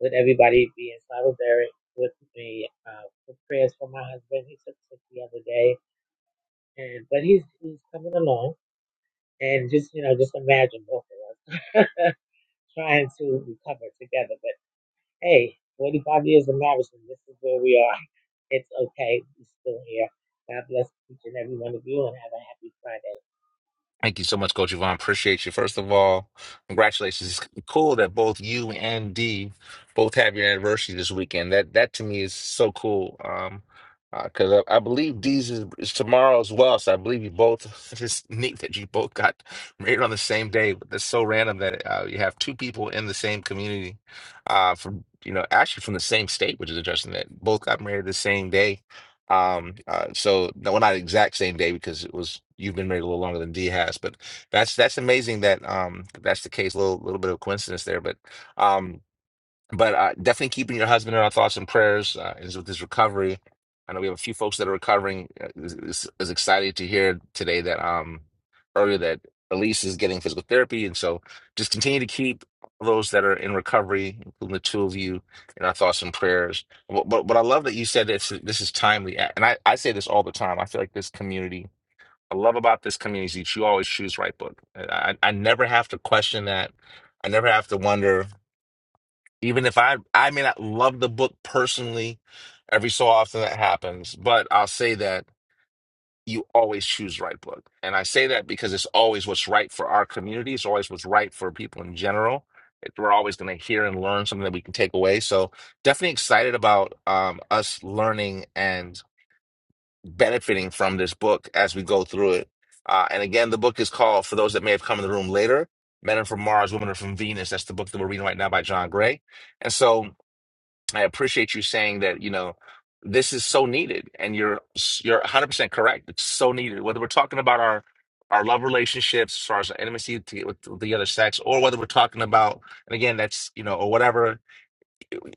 Speaker 11: with everybody being solidary with me uh, for prayers for my husband. He took sick the other day, and but he's he's coming along, and just you know just imagine both of us trying to recover together. But hey, 45 years of marriage, and this is where we are. It's okay. We're still here. God bless each and every one of you, and have a happy Friday.
Speaker 1: Thank you so much, Coach Yvonne. Appreciate you. First of all, congratulations. It's cool that both you and Dee both have your anniversary this weekend. That that to me is so cool. Um, because I, I believe Dee's is, is tomorrow as well. So I believe you both. It's neat that you both got married on the same day. But that's so random that uh, you have two people in the same community, uh, from you know actually from the same state, which is interesting that both got married the same day Um, uh, so no, well, not exact same day because it was you've been married a little longer than D has, but that's that's amazing that um that's the case. little little bit of coincidence there, but um. But uh, definitely keeping your husband in our thoughts and prayers uh, is with his recovery. I know we have a few folks that are recovering. Uh, Is, is, is excited to hear today that um earlier that Elise is getting physical therapy, and so just continue to keep those that are in recovery, including the two of you, in our thoughts and prayers. But but, but I love that you said this. This is timely, and I I say this all the time. I feel like this community. I love about this community is that you always choose right book. I I I never have to question that. I never have to wonder even if I I may not love the book personally, every so often that happens, but I'll say that you always choose the right book. And I say that because it's always what's right for our community, it's always what's right for people in general. It- We're always going to hear and learn something that we can take away. So definitely excited about um, us learning and benefiting from this book as we go through it. Uh, and again, the book is called, for those that may have come in the room later, Men Are From Mars, Women Are From Venus. That's the book that we're reading right now by John Gray. And so I appreciate you saying that, you know, this is so needed and you're you're 100% correct. It's so needed. Whether we're talking about our our love relationships as far as intimacy to get with the other sex or whether we're talking about and again that's, you know, or whatever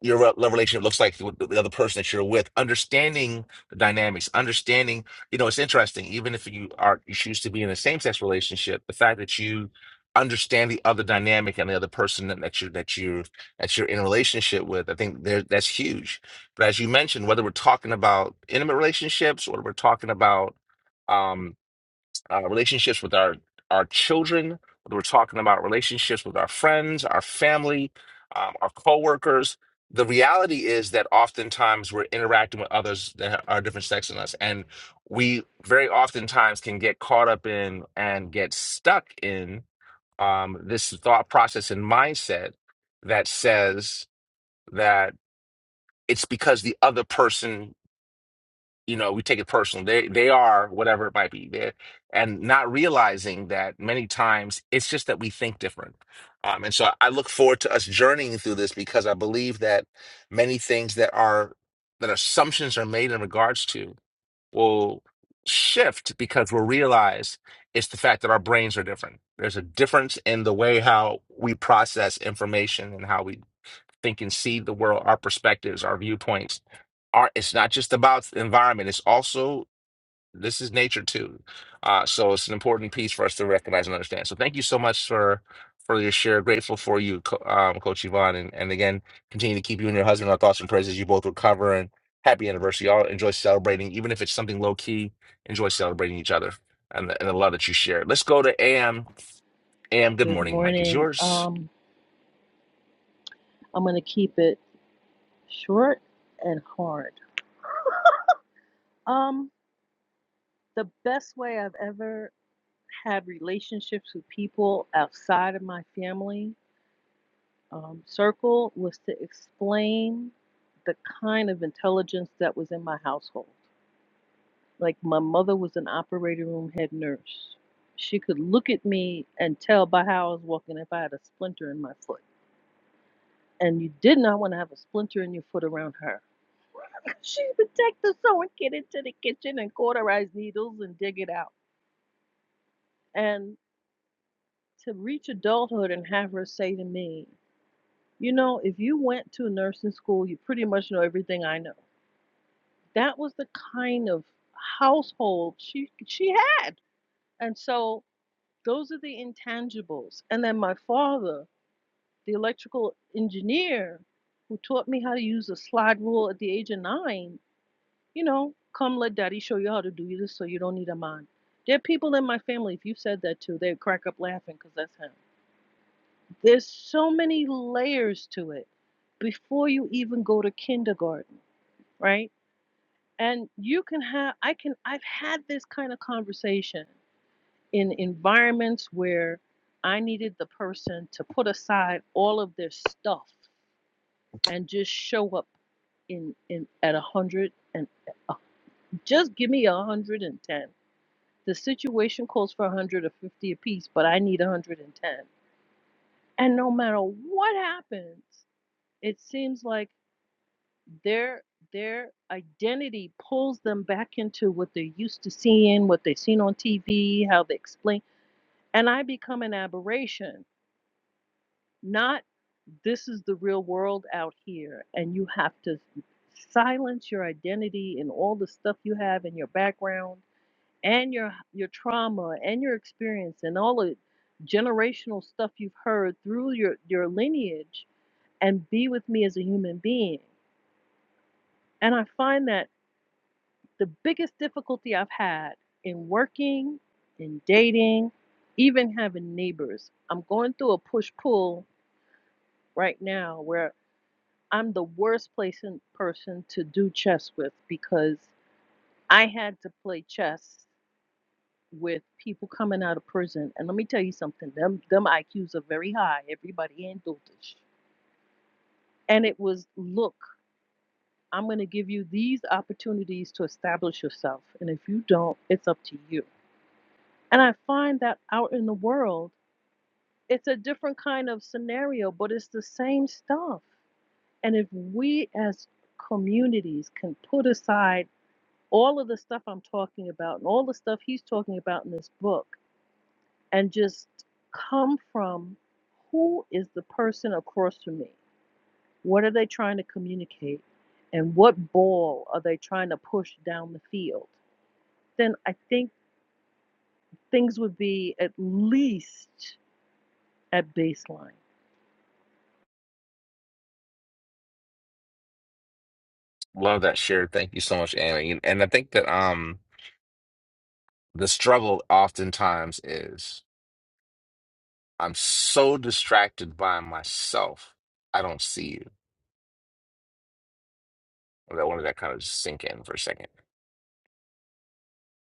Speaker 1: your re- love relationship looks like with the other person that you're with. Understanding the dynamics, understanding, you know, it's interesting. Even if you are you choose to be in a same sex relationship, the fact that you understand the other dynamic and the other person that that you that you that you're in a relationship with, I think there that's huge. But as you mentioned, whether we're talking about intimate relationships or we're talking about um uh, relationships with our our children. We're talking about relationships with our friends, our family, um, our coworkers. The reality is that oftentimes we're interacting with others that are different sex than us, and we very oftentimes can get caught up in and get stuck in um, this thought process and mindset that says that it's because the other person you know, we take it personal. They they are whatever it might be there, and not realizing that many times it's just that we think different. Um, and so I look forward to us journeying through this because I believe that many things that are that assumptions are made in regards to will shift because we'll realize it's the fact that our brains are different. There's a difference in the way how we process information and how we think and see the world, our perspectives, our viewpoints art it's not just about the environment it's also this is nature too uh, so it's an important piece for us to recognize and understand so thank you so much for for your share grateful for you Co- um, coach yvonne and, and again continue to keep you and your husband in our thoughts and prayers as you both recover and happy anniversary y'all enjoy celebrating even if it's something low key enjoy celebrating each other and the, and the love that you share let's go to am am good
Speaker 6: Good
Speaker 1: morning mike is
Speaker 6: morning.
Speaker 1: yours
Speaker 6: Um, I'm gonna keep it short and hard. Um, the best way I've ever had relationships with people outside of my family um, circle was to explain the kind of intelligence that was in my household. Like my mother was an operating room head nurse. She could look at me and tell by how I was walking if I had a splinter in my foot. And you did not want to have a splinter in your foot around her. she would take the sewing kit into the kitchen and cauterize needles and dig it out. And to reach adulthood and have her say to me, you know, if you went to nursing school, you pretty much know everything I know. that was the kind of household she she had and so those are the intangibles and then my father the electrical engineer who taught me how to use a slide rule at the age of nine you know come let daddy show you how to do this so you don't need a man there are people in my family if you said that to they'd crack up laughing because that's him there's so many layers to it before you even go to kindergarten right and you can have i can i've had this kind of conversation in environments where i needed the person to put aside all of their stuff and just show up in in at a hundred and uh, just give me a hundred and ten the situation calls for a hundred or fifty apiece but i need a hundred and ten and no matter what happens it seems like their their identity pulls them back into what they're used to seeing, what they've seen on TV, how they explain, and I become an aberration. Not this is the real world out here, and you have to silence your identity and all the stuff you have in your background and your your trauma and your experience and all the generational stuff you've heard through your your lineage and be with me as a human being. And I find that The biggest difficulty I've had in working, in dating, even having neighbors. I'm going through a push pull right now where I'm the worst place person to do chess with because I had to play chess with people coming out of prison. And let me tell you something, them them IQs are very high. Everybody ain't dotish. And it was look, I'm gonna give you these opportunities to establish yourself. And if you don't, it's up to you. And I find that out in the world, it's a different kind of scenario, but it's the same stuff. And if we as communities can put aside all of the stuff I'm talking about and all the stuff he's talking about in this book and just come from who is the person across from me? What are they trying to communicate? And what ball are they trying to push down the field? Then I think things would be at least at baseline
Speaker 1: love that share thank you so much am and, and i think that um the struggle oftentimes is I'm so distracted by myself, I don't see you. I wanted that kind of sink in for a second.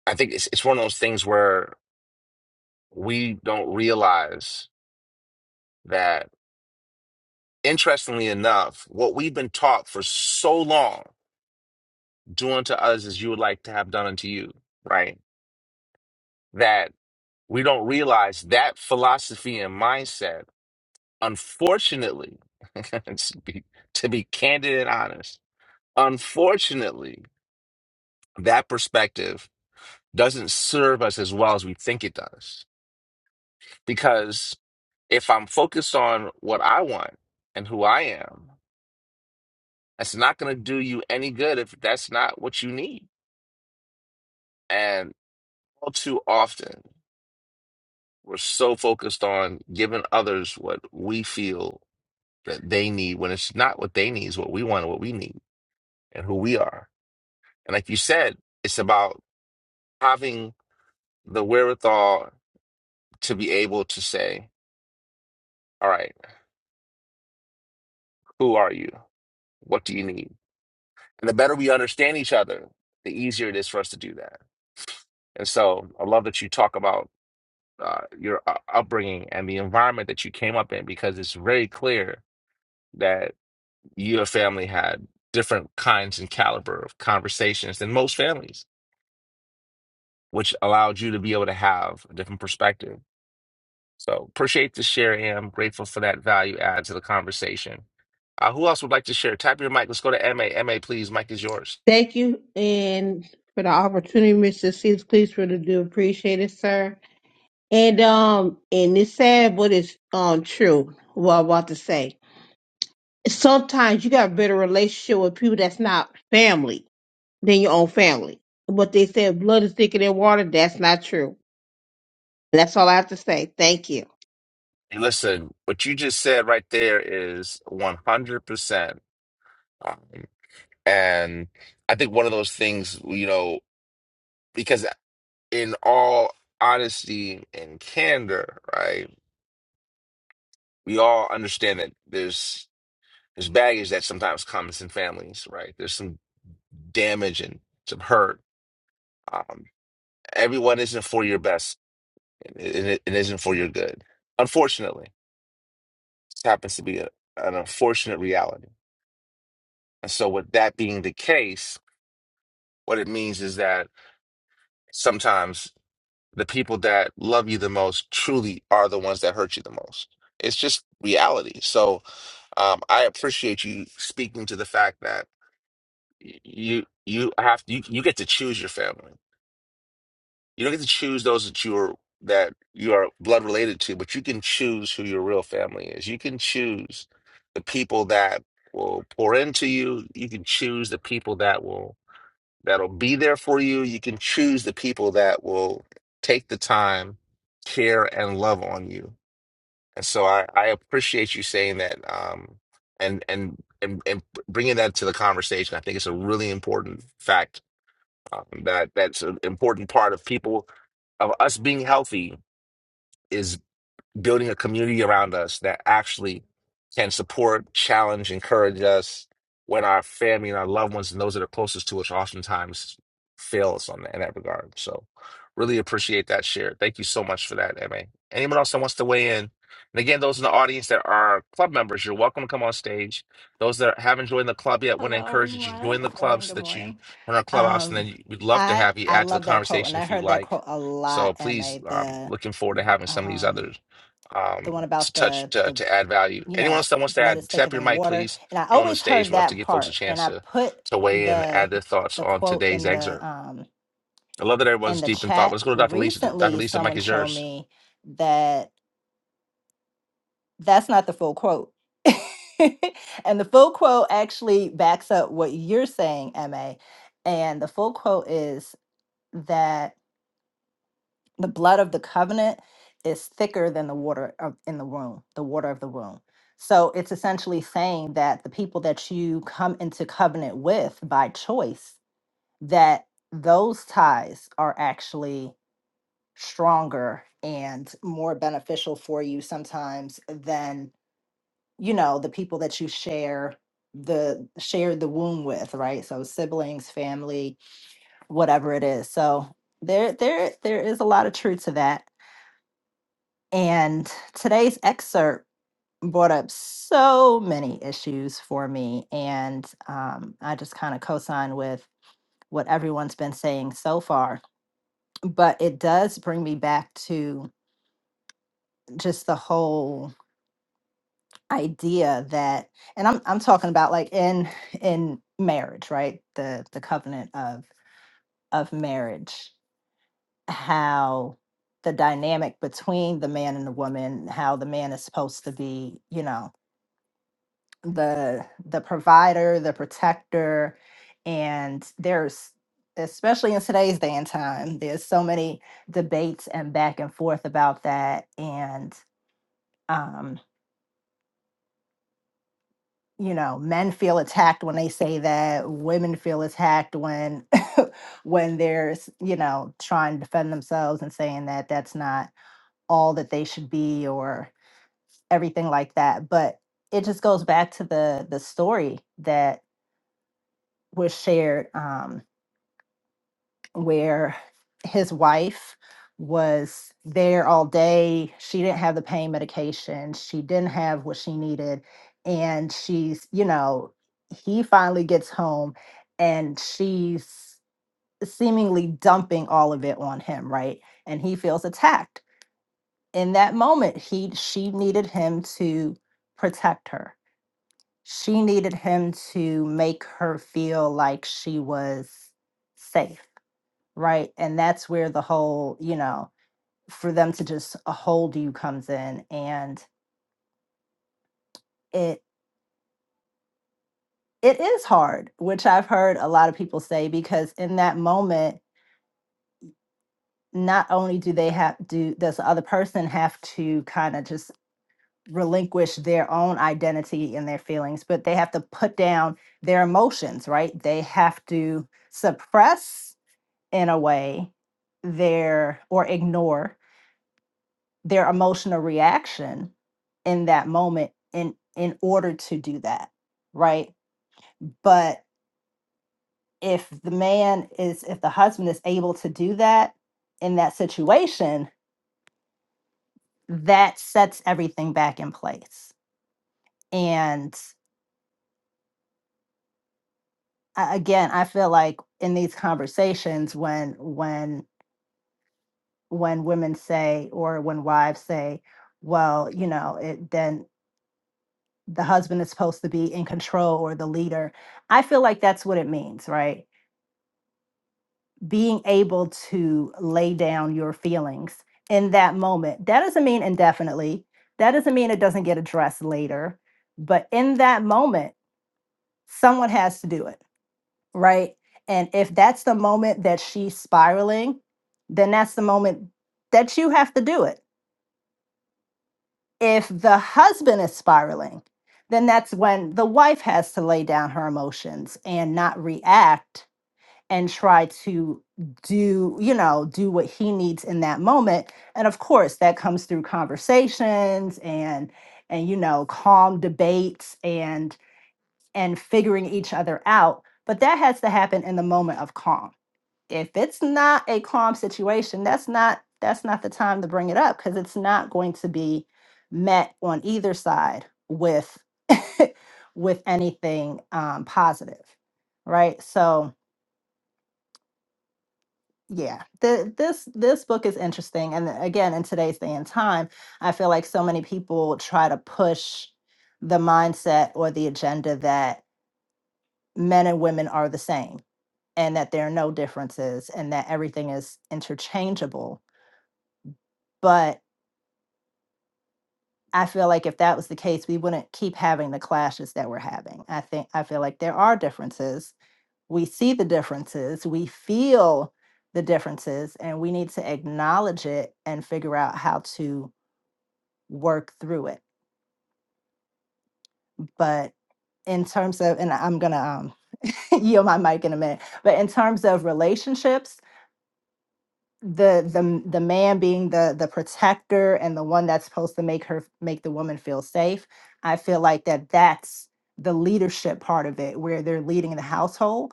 Speaker 1: I think it's it's one of those things where we don't realize that, interestingly enough, what we've been taught for so long, doing to us as you would like to have done unto you, right? That we don't realize that philosophy and mindset, unfortunately, to be, to be candid and honest, unfortunately, that perspective doesn't serve us as well as we think it does. Because if I'm focused on what I want and who I am, that's not going to do you any good if that's not what you need. And all too often, we're so focused on giving others what we feel that they need when it's not what they need, it's what we want and what we need and who we are. And like you said, it's about having the wherewithal to be able to say, all right, who are you? What do you need? And the better we understand each other, the easier it is for us to do that. And so I love that you talk about uh, your u- upbringing and the environment that you came up in because it's very clear that your family had different kinds and caliber of conversations than most families, which allowed you to be able to have a different perspective. So appreciate the share, Am. Grateful for that value add to the conversation. Uh, who else would like to share? Tap your mic. Let's go to M A. M A, please. Mic is yours.
Speaker 5: Thank you and for the opportunity, Mr. Seals. Please really do appreciate it, sir. And um, and it's sad, but it's um true. What I'm about to say. Sometimes you got a better relationship with people that's not family than your own family. But they said blood is thicker than water. That's not true. That's all I have to say. Thank you.
Speaker 1: Hey, Listen, what you just said right there is 100%. Um, and I think one of those things, you know, because in all honesty and candor, right, we all understand that there's there's baggage that sometimes comes in families, right? There's some damage and some hurt. Um, everyone isn't for your best, and it, it isn't for your good. Unfortunately, this happens to be a, an unfortunate reality. And so, with that being the case, What it means is that sometimes the people that love you the most truly are the ones that hurt you the most. It's just reality. So um, I appreciate you speaking to the fact that y- you you have you, you get to choose your family. You don't get to choose those that you're that you are blood related to, but you can choose who your real family is. You can choose the people that will pour into you. You can choose the people that will that'll be there for you. You can choose the people that will take the time, care, and love on you. And so I, I appreciate you saying that um, and, and and and bringing that to the conversation. I think it's a really important fact um, that that's an important part of people of us being healthy is building a community around us that actually can support, challenge, encourage us when our family and our loved ones and those that are closest to us oftentimes fail us on in that regard. So really appreciate that share. Thank you so much for that, MA. Anyone else that wants to weigh in? And again, those in the audience that are club members, you're welcome to come on stage. Those that haven't joined the club yet, want to
Speaker 12: Hello,
Speaker 1: encourage that you
Speaker 12: everyone.
Speaker 1: join the
Speaker 12: Good
Speaker 1: club
Speaker 12: morning.
Speaker 1: so
Speaker 12: Good
Speaker 1: that you
Speaker 12: morning.
Speaker 1: join our clubhouse, and
Speaker 12: Um,
Speaker 1: then we'd love to
Speaker 12: I
Speaker 1: have you
Speaker 12: I
Speaker 1: add to the
Speaker 12: love that quote,
Speaker 1: conversation
Speaker 12: and I
Speaker 1: if you
Speaker 12: heard that
Speaker 1: like.
Speaker 12: quote a
Speaker 1: So
Speaker 12: lot. Ma
Speaker 1: please, um,
Speaker 12: the
Speaker 1: looking forward to
Speaker 12: the,
Speaker 1: having some of these
Speaker 12: um
Speaker 1: others
Speaker 12: the one
Speaker 1: um, to
Speaker 12: about
Speaker 1: touch
Speaker 12: the
Speaker 1: to,
Speaker 12: the
Speaker 1: to add value.
Speaker 12: you
Speaker 1: Anyone
Speaker 12: know
Speaker 1: else
Speaker 12: f-
Speaker 1: that wants to
Speaker 12: blood
Speaker 1: add,
Speaker 12: is thicker
Speaker 1: tap your
Speaker 12: than
Speaker 1: mic,
Speaker 12: water,
Speaker 1: please.
Speaker 12: and I
Speaker 1: Anyone on the
Speaker 12: always
Speaker 1: stage,
Speaker 12: heard
Speaker 1: we'll have to
Speaker 12: that
Speaker 1: give folks a
Speaker 12: part, and
Speaker 1: chance
Speaker 12: I
Speaker 1: to
Speaker 12: put
Speaker 1: to weigh in,
Speaker 12: the
Speaker 1: add their thoughts
Speaker 12: the
Speaker 1: on
Speaker 12: quote
Speaker 1: today's
Speaker 12: in the
Speaker 1: excerpt.
Speaker 12: um
Speaker 1: I love that
Speaker 12: in
Speaker 1: everyone's
Speaker 12: the
Speaker 1: deep in thought.
Speaker 12: chat
Speaker 1: Let's go to Dr. Lisa. Dr.
Speaker 12: recently.
Speaker 1: Lisa, the mic
Speaker 12: Someone
Speaker 1: is
Speaker 12: showed
Speaker 1: yours.
Speaker 12: me that. that's not the full quote. and the full quote actually backs up what you're saying, MA. And the full quote is that the blood of the covenant is thicker than the water of, in the womb, the water of the womb. So it's essentially saying that the people that you come into covenant with by choice, that those ties are actually stronger and more beneficial for you sometimes than you know the people that you share the share the womb with right so siblings family whatever it is so there there there is a lot of truth to that and today's excerpt brought up so many issues for me and um, i just kind of co-sign with what everyone's been saying so far but it does bring me back to just the whole idea that and I'm I'm talking about like in in marriage, right? The the covenant of of marriage, how the dynamic between the man and the woman, how the man is supposed to be, you know, the the provider, the protector, and there's especially in today's day and time, there's so many debates and back and forth about that and um, you know men feel attacked when they say that women feel attacked when when they're s- you know trying to defend themselves and saying that that's not all that they should be or everything like that but it just goes back to the the story that was shared Um where his wife was there all day. She didn't have the pain medication. She didn't have what she needed. And she's, you know, he finally gets home and she's seemingly dumping all of it on him, right? And he feels attacked. In that moment, he she needed him to protect her. She needed him to make her feel like she was safe right? And that's where the whole, you know, for them to just hold you comes in and it it is hard, which I've heard a lot of people say because in that moment, not only do they have do does the other person have to kind of just relinquish their own identity and their feelings, but they have to put down their emotions, right? They have to suppress in a way their or ignore their emotional reaction in that moment in in order to do that right but if the man is if the husband is able to do that in that situation that sets everything back in place and a- again i feel like in these conversations when when when women say or when wives say well you know it, then the husband is supposed to be in control or the leader i feel like that's what it means right being able to lay down your feelings in that moment. That doesn't mean indefinitely. That doesn't mean it doesn't get addressed later. But in that moment, someone has to do it, right? And if that's the moment that she's spiraling, then that's the moment that you have to do it. If the husband is spiraling, then that's when the wife has to lay down her emotions and not react and try to do, you know, do what he needs in that moment. And of course, that comes through conversations and and you know, calm debates and and figuring each other out, but that has to happen in the moment of calm. If it's not a calm situation, that's not that's not the time to bring it up because it's not going to be met on either side with with anything um, positive, right? So Yeah, the, this this book is interesting, and again, in today's day and time, I feel like so many people try to push the mindset or the agenda that men and women are the same, and that there are no differences, and that everything is interchangeable. But I feel like if that was the case, we wouldn't keep having the clashes that we're having. I think I feel like there are differences. We see the differences. We feel the differences, and we need to acknowledge it and figure out how to work through it. But in terms of, and I'm gonna um, yield my mic in a minute. But in terms of relationships, the the the man being the the protector and the one that's supposed to make her make the woman feel safe, I feel like that that's the leadership part of it, where they're leading the household.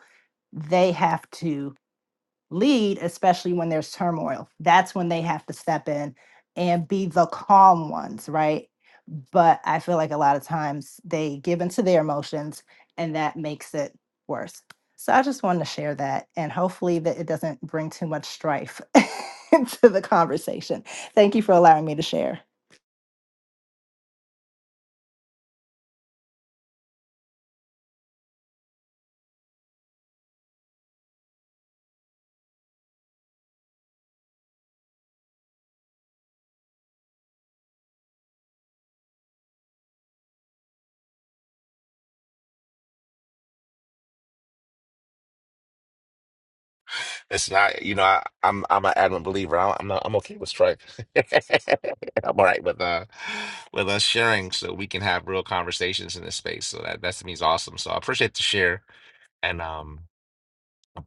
Speaker 12: They have to lead, especially when there's turmoil. That's when they have to step in and be the calm ones, right? But I feel like a lot of times they give into their emotions and that makes it worse. So I just wanted to share that and hopefully that it doesn't bring too much strife into the conversation. Thank you for allowing me to share.
Speaker 1: It's not, you know, I, I'm I'm an adamant believer. I, I'm not, I'm okay with strife. I'm all right with uh with us sharing, so we can have real conversations in this space. So that that to me is awesome. So I appreciate the share, and um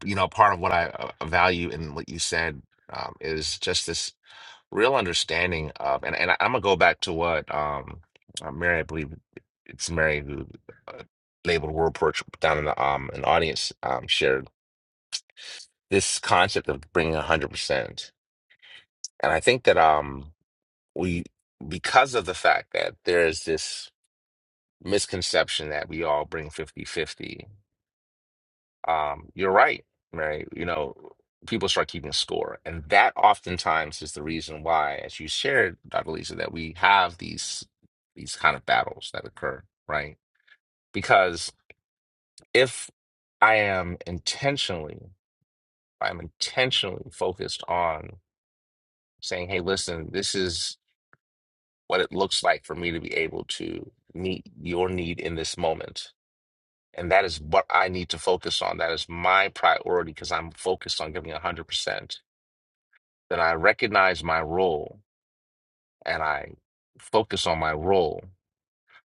Speaker 1: you know, part of what I uh, uh, value in what you said um, is just this real understanding of, and, and I'm gonna go back to what um, uh, Mary, I believe it's Mary who uh, labeled word porch down in the um, an audience um, shared this concept of bringing 100%. And I think that um, we, because of the fact that there is this misconception that we all bring 50-50 um, you're right, right? You know, people start keeping score. And that oftentimes is the reason why, as you shared, Dr. Lisa, that we have these these kind of battles that occur, right? Because if I am intentionally, if I'm intentionally focused on saying, hey, listen, this is what it looks like for me to be able to meet your need in this moment. And that is what I need to focus on. That is my priority because I'm focused on giving one hundred percent then I recognize my role and I focus on my role,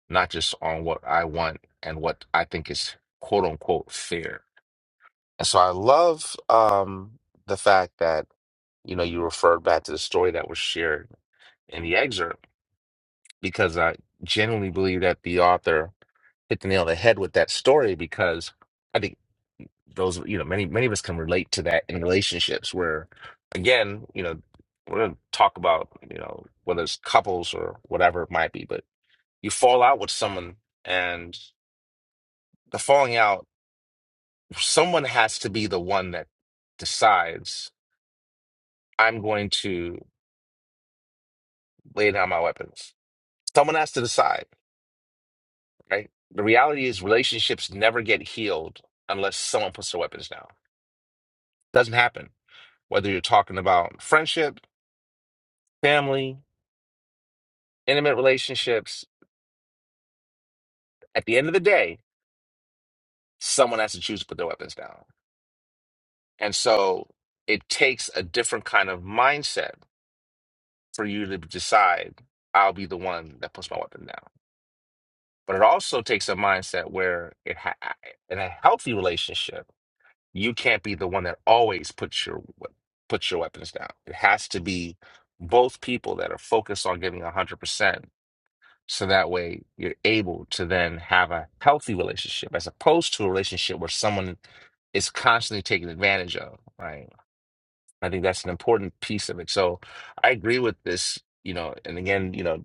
Speaker 1: not just on what I want and what I think is quote unquote fair. And so I love um, the fact that, you know, you referred back to the story that was shared in the excerpt because I genuinely believe that the author hit the nail on the head with that story because I think. those you know many many of us can relate to that in relationships where again you know we're going to talk about you know whether it's couples or whatever it might be but you fall out with someone and the falling out someone has to be the one that decides i'm going to lay down my weapons someone has to decide right the reality is relationships never get healed unless someone puts their weapons down doesn't happen whether you're talking about friendship family intimate relationships At the end of the day, someone has to choose to put their weapons down. And so it takes a different kind of mindset for you to decide, I'll be the one that puts my weapon down. But it also takes a mindset where it ha- in a healthy relationship, you can't be the one that always puts your we- puts your weapons down. It has to be both people that are focused on giving 100% So that way you're able to then have a healthy relationship as opposed to a relationship where someone is constantly taken advantage of, right? I think that's an important piece of it. So I agree with this, you know, and again, you know,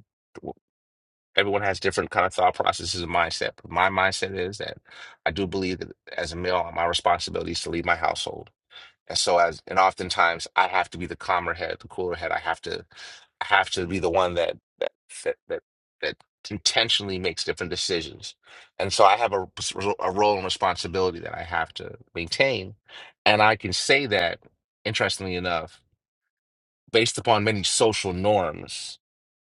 Speaker 1: everyone has different kind of thought processes and mindset. But my mindset is that I do believe that as a male, my responsibility is to lead my household and so as and oftentimes I have to be the calmer head, the cooler head. I have to I have to be the one that that that that, that intentionally makes different decisions. And so I have a, a role and responsibility that I have to maintain. And I can say that, interestingly enough, based upon many social norms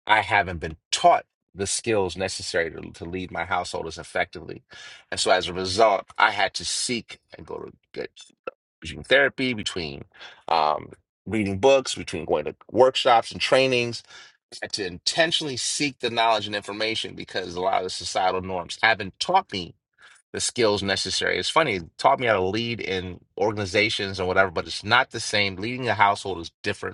Speaker 1: I haven't been taught the skills necessary to, to lead my household as effectively. And so as a result, I had to seek and go to get between therapy, between um, reading books, between going to workshops and trainings, I had to intentionally seek the knowledge and information because a lot of the societal norms haven't taught me the skills necessary. It's funny, it taught me how to lead in organizations and whatever, but it's not the same. Leading a household is different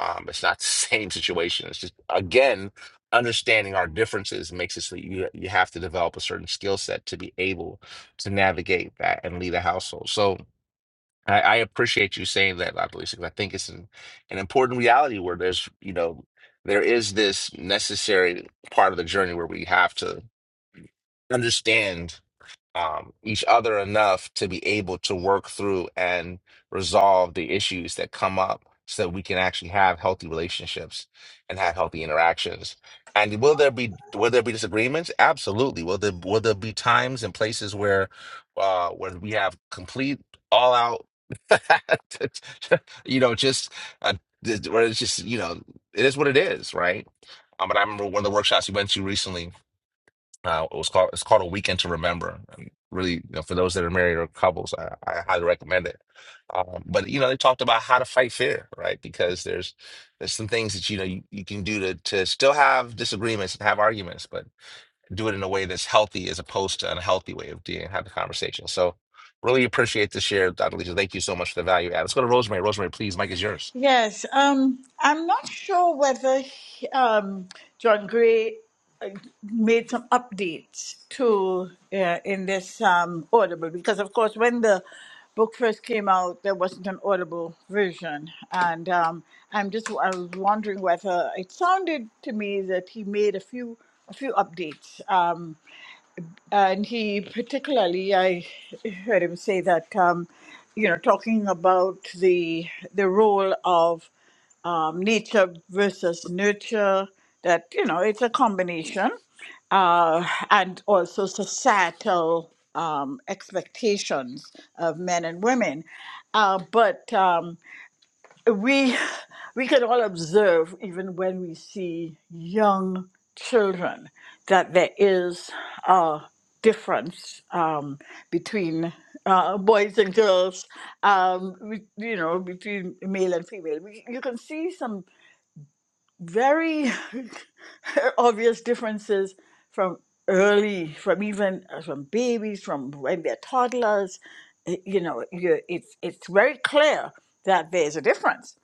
Speaker 1: um, it's not the same situation. It's just again, understanding our differences makes it so you you have to develop a certain skill set to be able to navigate that and lead a household. So I, I appreciate you saying that, Latoya, because I think it's an, an important reality where there's you know there is this necessary part of the journey where we have to understand um, each other enough to be able to work through and resolve the issues that come up so that we can actually have healthy relationships and have healthy interactions. And will there be will there be disagreements? Absolutely. Will there will there be times and places where uh where we have complete all out you know just uh, where it's just you know it is what it is, right? Um, but I remember one of the workshops we went to recently uh, it was called it's called A Weekend to Remember. And really, you know, for those that are married or couples, I, I highly recommend it. Um, but you know, they talked about how to fight fear, right? Because there's there's some things that you know you, you can do to to still have disagreements and have arguments, but do it in a way that's healthy as opposed to an unhealthy way of dealing have the conversation. So really appreciate the share, Dr. Lisa. Thank you so much for the value add. Let's go to Rosemary. Rosemary, please, Mike is yours.
Speaker 8: Yes, um, I'm not sure whether um, John Gray uh, made some updates to uh, in this um, Audible because, of course, when the book first came out, there wasn't an Audible version, and um, I'm just I was wondering whether it sounded to me that he made a few a few updates, um, and he particularly I heard him say that um, you know talking about the the role of um, nature versus nurture that you know it's a combination uh, and also societal um, expectations of men and women uh, but um, we we can all observe even when we see young children that there is a difference um, between uh, boys and girls, um, we- you know, between male and female. We, you can see some very obvious differences from early, from even uh, from babies, from when they're toddlers. Y- You know, you, it's it's very clear that there's a difference,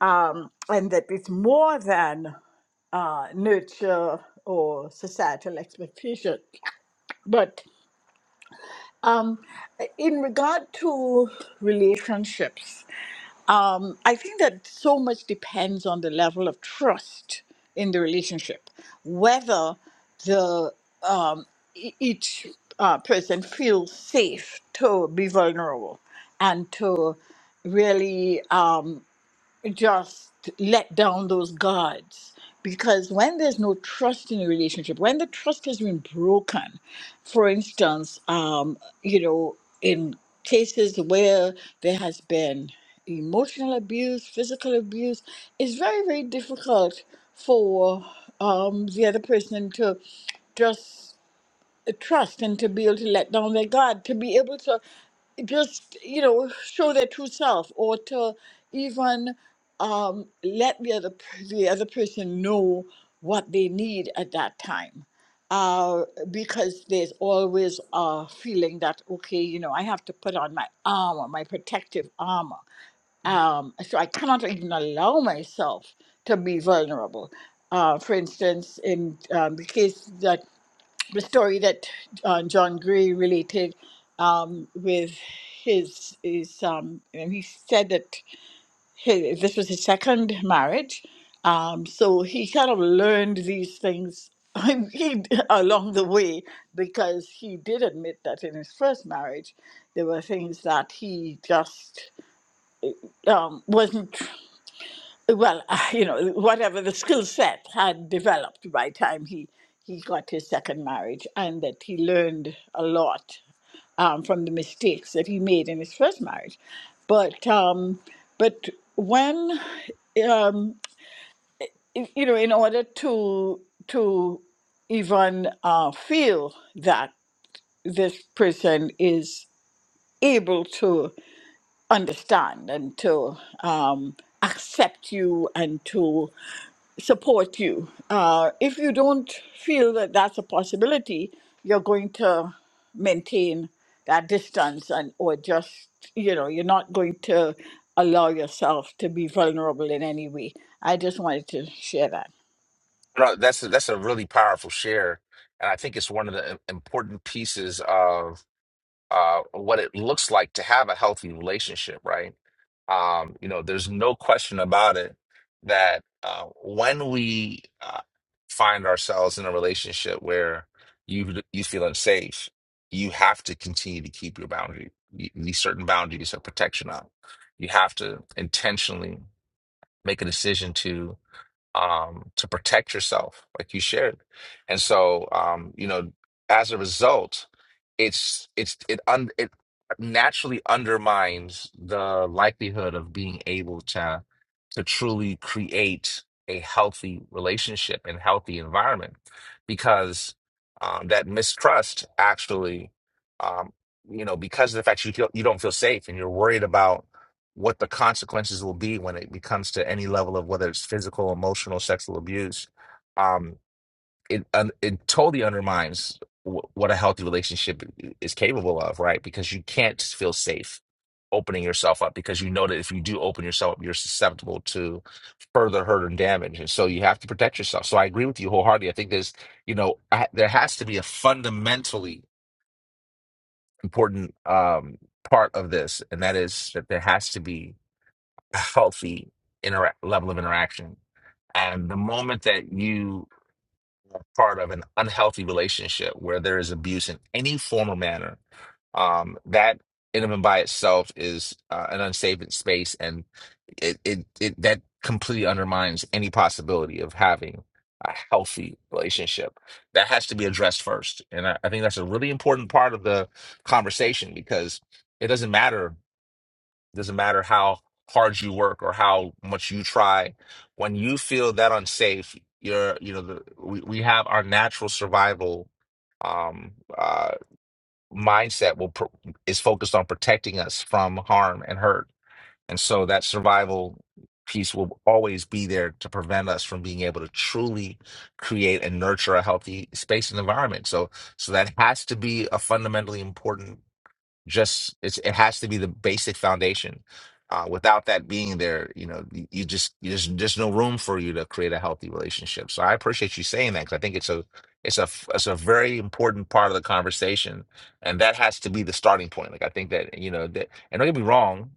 Speaker 8: um, and that it's more than uh, nurture or societal expectation. But um, in regard to relationships, um, I think that so much depends on the level of trust in the relationship, whether the um, e- each uh, person feels safe to be vulnerable and to really. Um, just let down those guards because when there's no trust in a relationship when the trust has been broken for instance um you know in cases where there has been emotional abuse physical abuse it's very very difficult for um the other person to just to trust and to be able to let down their guard, to be able to just, you know, show their true self or to even um, let the other, the other person know what they need at that time. Uh, because there's always a feeling that, okay, you know, I have to put on my armor, my protective armor. Um, so I cannot even allow myself to be vulnerable uh, for instance, in um, the case that the story that uh, John Gray related um, with his is um, and he said that his, this was his second marriage, um, so he kind of learned these things he along the way because he did admit that in his first marriage there were things that he just um, wasn't well, you know, whatever the skill set had developed by the time he he got his second marriage, and that he learned a lot um, from the mistakes that he made in his first marriage. But um, but when um, y- you know, in order to to even uh, feel that this person is able to understand and to um, accept you and to support you. Uh, if you don't feel that that's a possibility, you're going to maintain that distance and or just you know you're not going to allow yourself to be vulnerable in any way. I just wanted to share that.
Speaker 1: No, that's that's a really powerful share. And I think it's one of the im- important pieces of uh, what it looks like to have a healthy relationship, right? Um, you know, there's no question about it that uh, when we uh, find ourselves in a relationship where you you feel unsafe, you have to continue to keep your boundary, y- these certain boundaries of protection up. You have to intentionally make a decision um, to protect yourself, like you shared. And so, um, you know, as a result, it's it's it un it naturally undermines the likelihood of being able to to truly create a healthy relationship and healthy environment because um, that mistrust actually um, you know because of the fact you feel, you don't feel safe and you're worried about what the consequences will be when it becomes to any level of whether it's physical, emotional, sexual abuse, um, it un- it totally undermines w- what a healthy relationship i- is capable of, right? Because you can't feel safe opening yourself up because you know that if you do open yourself up, you're susceptible to further hurt and damage, and so you have to protect yourself. So I agree with you wholeheartedly. I think there's, you know, I, there has to be a fundamentally important um, part of this, and that is that there has to be healthy intera- level of interaction. And the moment that you are part of an unhealthy relationship where there is abuse in any form or manner, um, that in and by itself is uh, an unsafe space, and it, it it that completely undermines any possibility of having a healthy relationship. That has to be addressed first, and I, I think that's a really important part of the conversation because it doesn't matter doesn't matter how hard you work or how much you try. When you feel that unsafe, you're, you know, the, we, we have our natural survival um, uh, mindset will pro is focused on protecting us from harm and hurt, and so that survival piece will always be there to prevent us from being able to truly create and nurture a healthy space and environment. So, so that has to be a fundamentally important just it's, it has to be the basic foundation. Uh, without that being there, you know, you you just you just there's no room for you to create a healthy relationship. So I appreciate you saying that because I think it's a it's a f- it's a very important part of the conversation, and that has to be the starting point. Like I think that you know that, and don't get me wrong,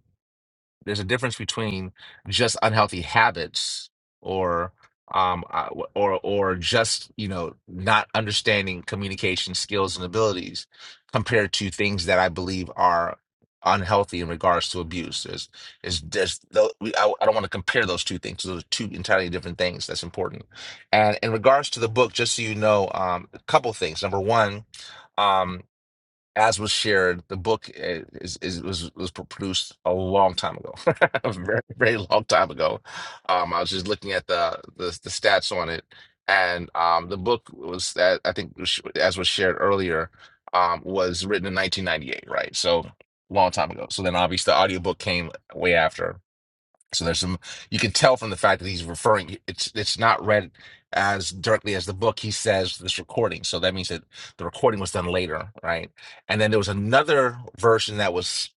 Speaker 1: there's a difference between just unhealthy habits or um uh, or or just you know not understanding communication skills and abilities compared to things that I believe are unhealthy in regards to abuse. There's is there's tho- we- I, I don't want to compare those two things. Those are two entirely different things. That's important. And in regards to the book, just so you know, um, a couple things. Number one. um, as was shared, the book uh, is, is was was produced a long time ago, a very very long time ago. Um, I was just looking at the the, the stats on it, and um, the book was that I think was as was shared earlier, um, was written in 1998, right? So long time ago. So then obviously the audiobook came way after so there's some you can tell from the fact that he's referring it's it's not read as directly as the book. He says this recording, so that means that the recording was done later, right? And then there was another version that was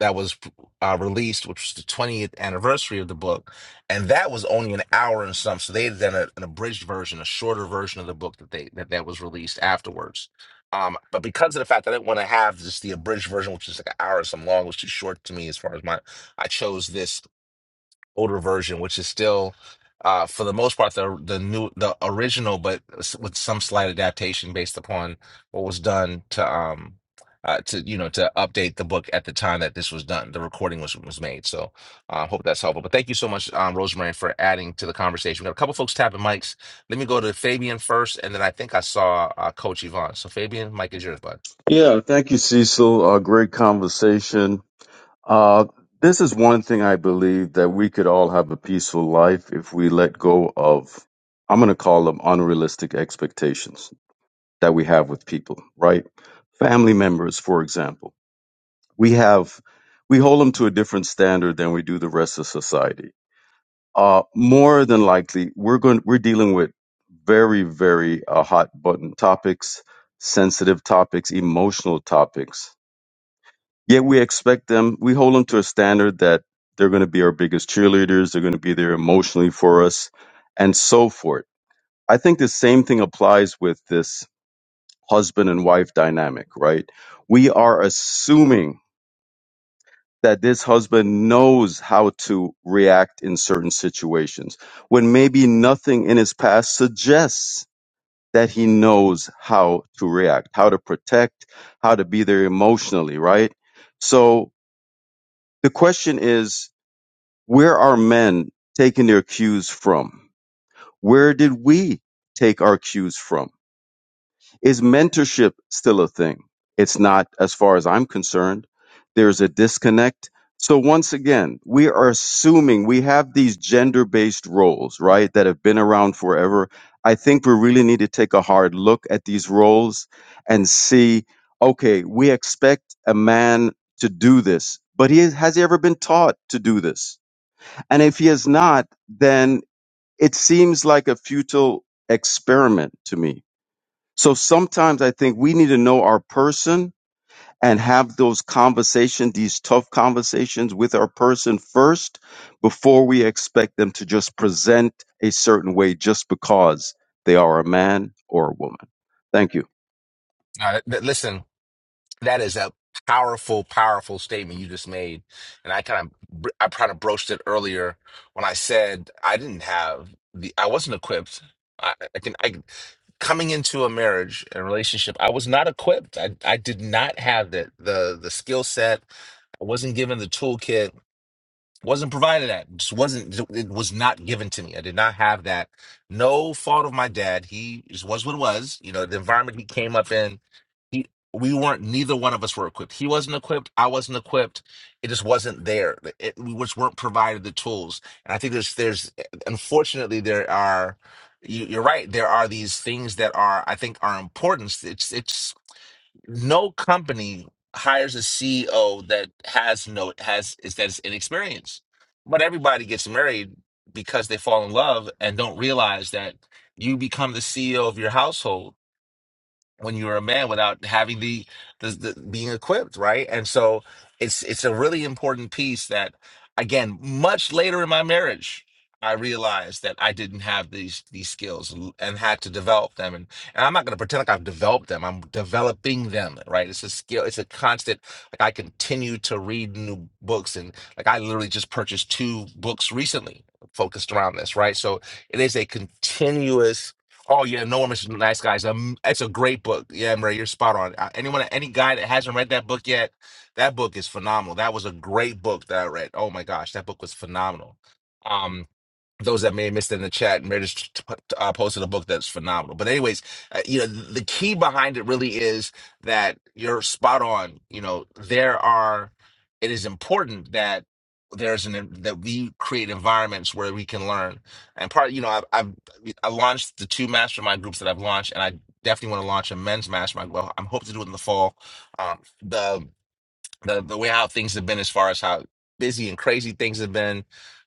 Speaker 1: that was uh, released, which was the 20th anniversary of the book, and that was only an hour and some. So they had done a, an abridged version, a shorter version of the book that they that that was released afterwards. Um, but because of the fact that I didn't want to have just the abridged version, which is like an hour or some long, was too short to me as far as my I chose this older version, which is still, uh, for the most part, the the new the original, but s- with some slight adaptation based upon what was done to um uh, to you know to update the book at the time that this was done, the recording was was made. So I uh, hope that's helpful. But thank you so much, um, Rosemary, for adding to the conversation. we got a couple folks tapping mics. Let me go to Fabian first, and then I think I saw uh, Coach Yvonne. So Fabian, mic is yours, bud.
Speaker 13: Yeah, thank you, Cecil. Uh, great conversation. Uh, this is one thing I believe that we could all have a peaceful life if we let go of, I'm going to call them unrealistic expectations that we have with people, right? Family members, for example. We have, we hold them to a different standard than we do the rest of society. Uh, more than likely, we're going, we're dealing with very, very uh, hot button topics, sensitive topics, emotional topics yeah, we expect them, we hold them to a standard that they're going to be our biggest cheerleaders, they're going to be there emotionally for us, and so forth. I think the same thing applies with this husband and wife dynamic, right? We are assuming that this husband knows how to react in certain situations when maybe nothing in his past suggests that he knows how to react, how to protect, how to be there emotionally, right? So the question is, Where are men taking their cues from? Where did we take our cues from? Is mentorship still a thing? It's not, as far as I'm concerned. There's a disconnect. So once again, we are assuming we have these gender based roles, right, that have been around forever. I think we really need to take a hard look at these roles and see okay, we expect a man to do this, but he, has he ever been taught to do this? And if he is not, then it seems like a futile experiment to me. So sometimes I think we need to know our person and have those conversations, these tough conversations with our person first before we expect them to just present a certain way just because they are a man or a woman. Thank you.
Speaker 1: Uh, th- listen, That is a powerful, powerful statement you just made. And I kind of, I kind of broached it earlier when I said I didn't have the, I wasn't equipped. I, I can, I, coming into a marriage and relationship, I was not equipped. I, I did not have the, the, the skill set. I wasn't given the toolkit wasn't provided that just wasn't it was not given to me i did not have that no fault of my dad he just was what it was you know the environment he came up in he we weren't neither one of us were equipped he wasn't equipped i wasn't equipped it just wasn't there it, we just weren't provided the tools and i think there's there's unfortunately there are you, you're right there are these things that are i think are important it's it's no company hires a CEO that has no has is that's inexperienced. But everybody gets married because they fall in love and don't realize that you become the CEO of your household when you're a man without having the, the, the being equipped, right? And so it's it's a really important piece that again, much later in my marriage, I realized that I didn't have these these skills l- and had to develop them. And, and I'm not going to pretend like I've developed them. I'm developing them, right? It's a skill. It's a constant. Like I continue to read new books, and like I literally just purchased two books recently focused around this, right? So it is a continuous Oh yeah, No One Mr. Nice Guys. Um, it's a great book. Yeah, Murray, you're spot on. Uh, Anyone, any guy that hasn't read that book yet, that book is phenomenal. That was a great book that I read. Oh my gosh, that book was phenomenal. Um, those that may have missed it in the chat, and Meredith t- t- uh, posted a book that's phenomenal. But anyways, uh, you know, the key behind it really is that you're spot on. You know, there are. It is important that there's an that we create environments where we can learn. And part, you know, I've, I've I launched the two mastermind groups that I've launched, and I definitely want to launch a men's mastermind. Well, I'm hoping to do it in the fall. Um, the the the way how things have been as far as how busy and crazy things have been.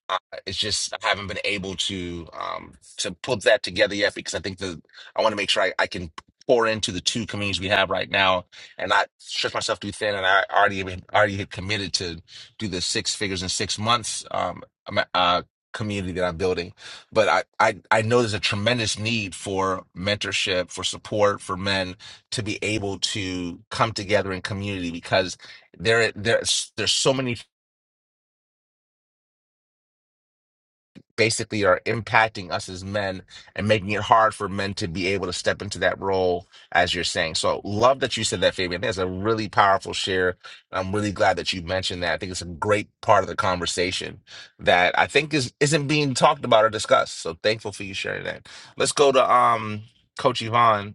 Speaker 1: Uh, it's just I haven't been able to um to put that together yet because I think the I want to make sure I, I can pour into the two communities we have right now and not stretch myself too thin. And I already been, already had committed to do the six figures in six months um am- uh community that I'm building. But I, I I know there's a tremendous need for mentorship, for support for men to be able to come together in community because there there's there's so many th- basically are impacting us as men and making it hard for men to be able to step into that role as you're saying so love that you said that fabian I think that's a really powerful share i'm really glad that you mentioned that i think it's a great part of the conversation that i think is isn't being talked about or discussed so thankful for you sharing that let's go to um coach yvonne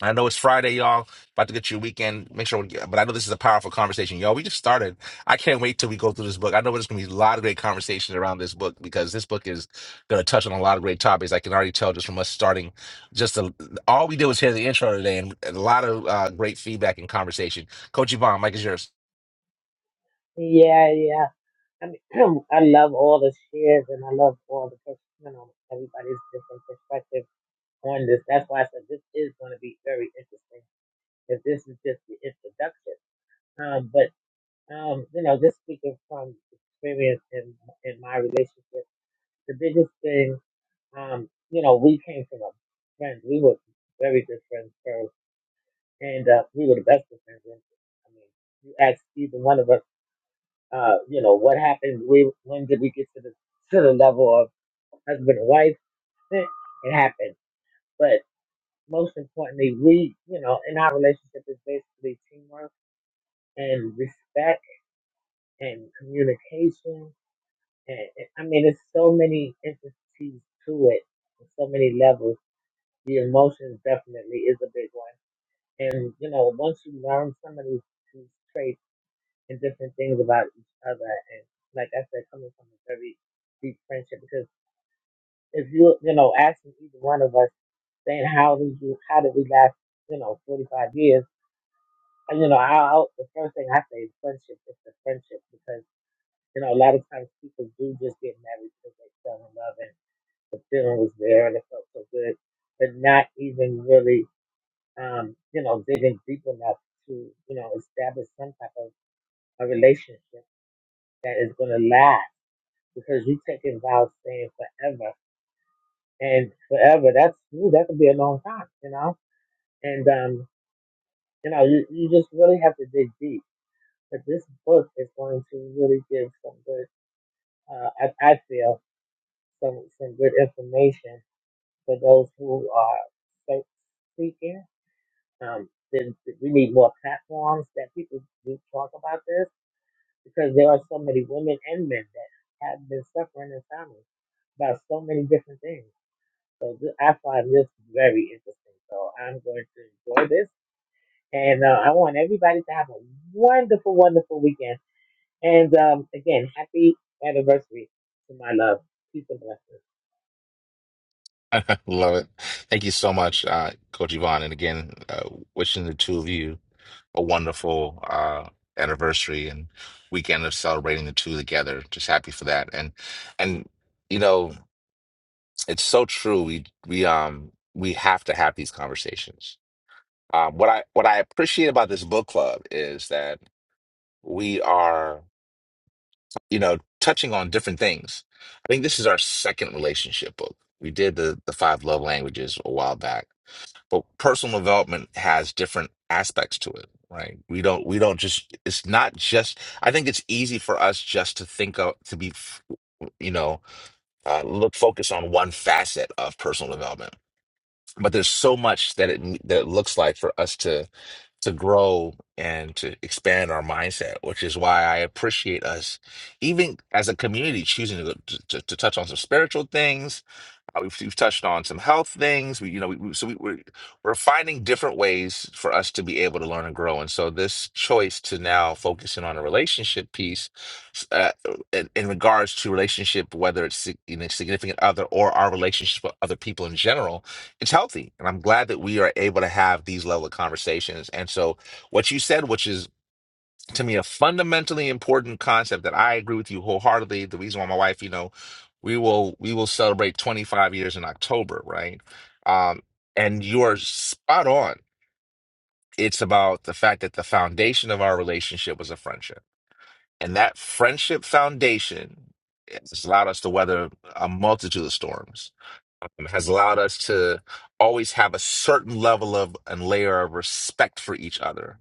Speaker 1: I know it's Friday, y'all. About to get your weekend. Make sure, we get, but I know this is a powerful conversation, y'all. We just started. I can't wait till we go through this book. I know there's gonna be a lot of great conversations around this book because this book is gonna touch on a lot of great topics. I can already tell just from us starting. Just the, all we did was hear the intro today, and and a lot of uh, great feedback and conversation. Coach Yvonne, Mike is yours.
Speaker 11: Yeah, yeah. I mean, I love all the shares and I love all the, pers- you know, everybody's different perspective on this. That's why I said this is going to be very interesting because this is just the introduction. Um, but, um, you know, just speaking from experience in, in my relationship, the biggest thing, um, you know, we came from a friend. We were very good friends first and, uh, we were the best of friends. I mean, you ask either one of us Uh, you know, what happened? We, when did we get to the to the level of husband and wife? It happened. But most importantly, we, you know, in our relationship is basically teamwork and respect and communication. And, and I mean, there's so many intricacies to it, and so many levels. The emotions definitely is a big one. And, you know, once you learn some of these, these traits and different things about each other, and like I said, coming from a very deep friendship, because. if you you know asking either one of us saying how did you how did we last you know 45 years and you know I, I the first thing I say is friendship it's the friendship because you know a lot of times people do just get married because they fell in love and the feeling was there and it felt so good but not even really um you know digging deep enough to you know establish some type of a relationship that is going to last because you taking vows saying forever and forever that's ooh, that could be a long time you know And um, you know, you, you just really have to dig deep. But this book is going to really give some good, uh, I, I feel, some some good information for those who are faith seeking. Um, then we need more platforms that people do talk about this because there are so many women and men that have been suffering in silence about so many different things. I find this very interesting, so I'm going to enjoy this And uh, I want everybody to have a wonderful, wonderful weekend. And um, again, happy anniversary to my love. Peace and blessings.
Speaker 1: Love it. Thank you so much, uh, Coach Yvonne. And again, uh, wishing the two of you a wonderful uh, anniversary and weekend of celebrating the two together. Just happy for that. And and you know, it's so true. We we um we have to have these conversations. Um, what I what I appreciate about this book club is that we are you know touching on different things. I think this is our second relationship book. We did the the five love languages a while back but personal development has different aspects to it right we don't we don't just it's not just i think it's easy for us just to think of to be you know uh, look focus on one facet of personal development but there's so much that it that it looks like for us to to grow and to expand our mindset which is why i appreciate us even as a community choosing to, to to touch on some spiritual things uh, we've, we've touched on some health things. We, you know, we, we- so we, we're, we're finding different ways for us to be able to learn and grow. And so this choice to now focusing on a relationship piece s- uh, in, in regards to relationship, whether it's sig- you know, significant other or our relationship with other people in general, it's healthy. And I'm glad that we are able to have these level of conversations. And so what you said, which is to me a fundamentally important concept that I agree with you wholeheartedly. The reason why my wife, you know, we will we will celebrate 25 years in October, right? Um, and you are spot on. It's about the fact that the foundation of our relationship was a friendship and that friendship foundation has allowed us to weather a multitude of storms, um, has allowed us to always have a certain level of and layer of respect for each other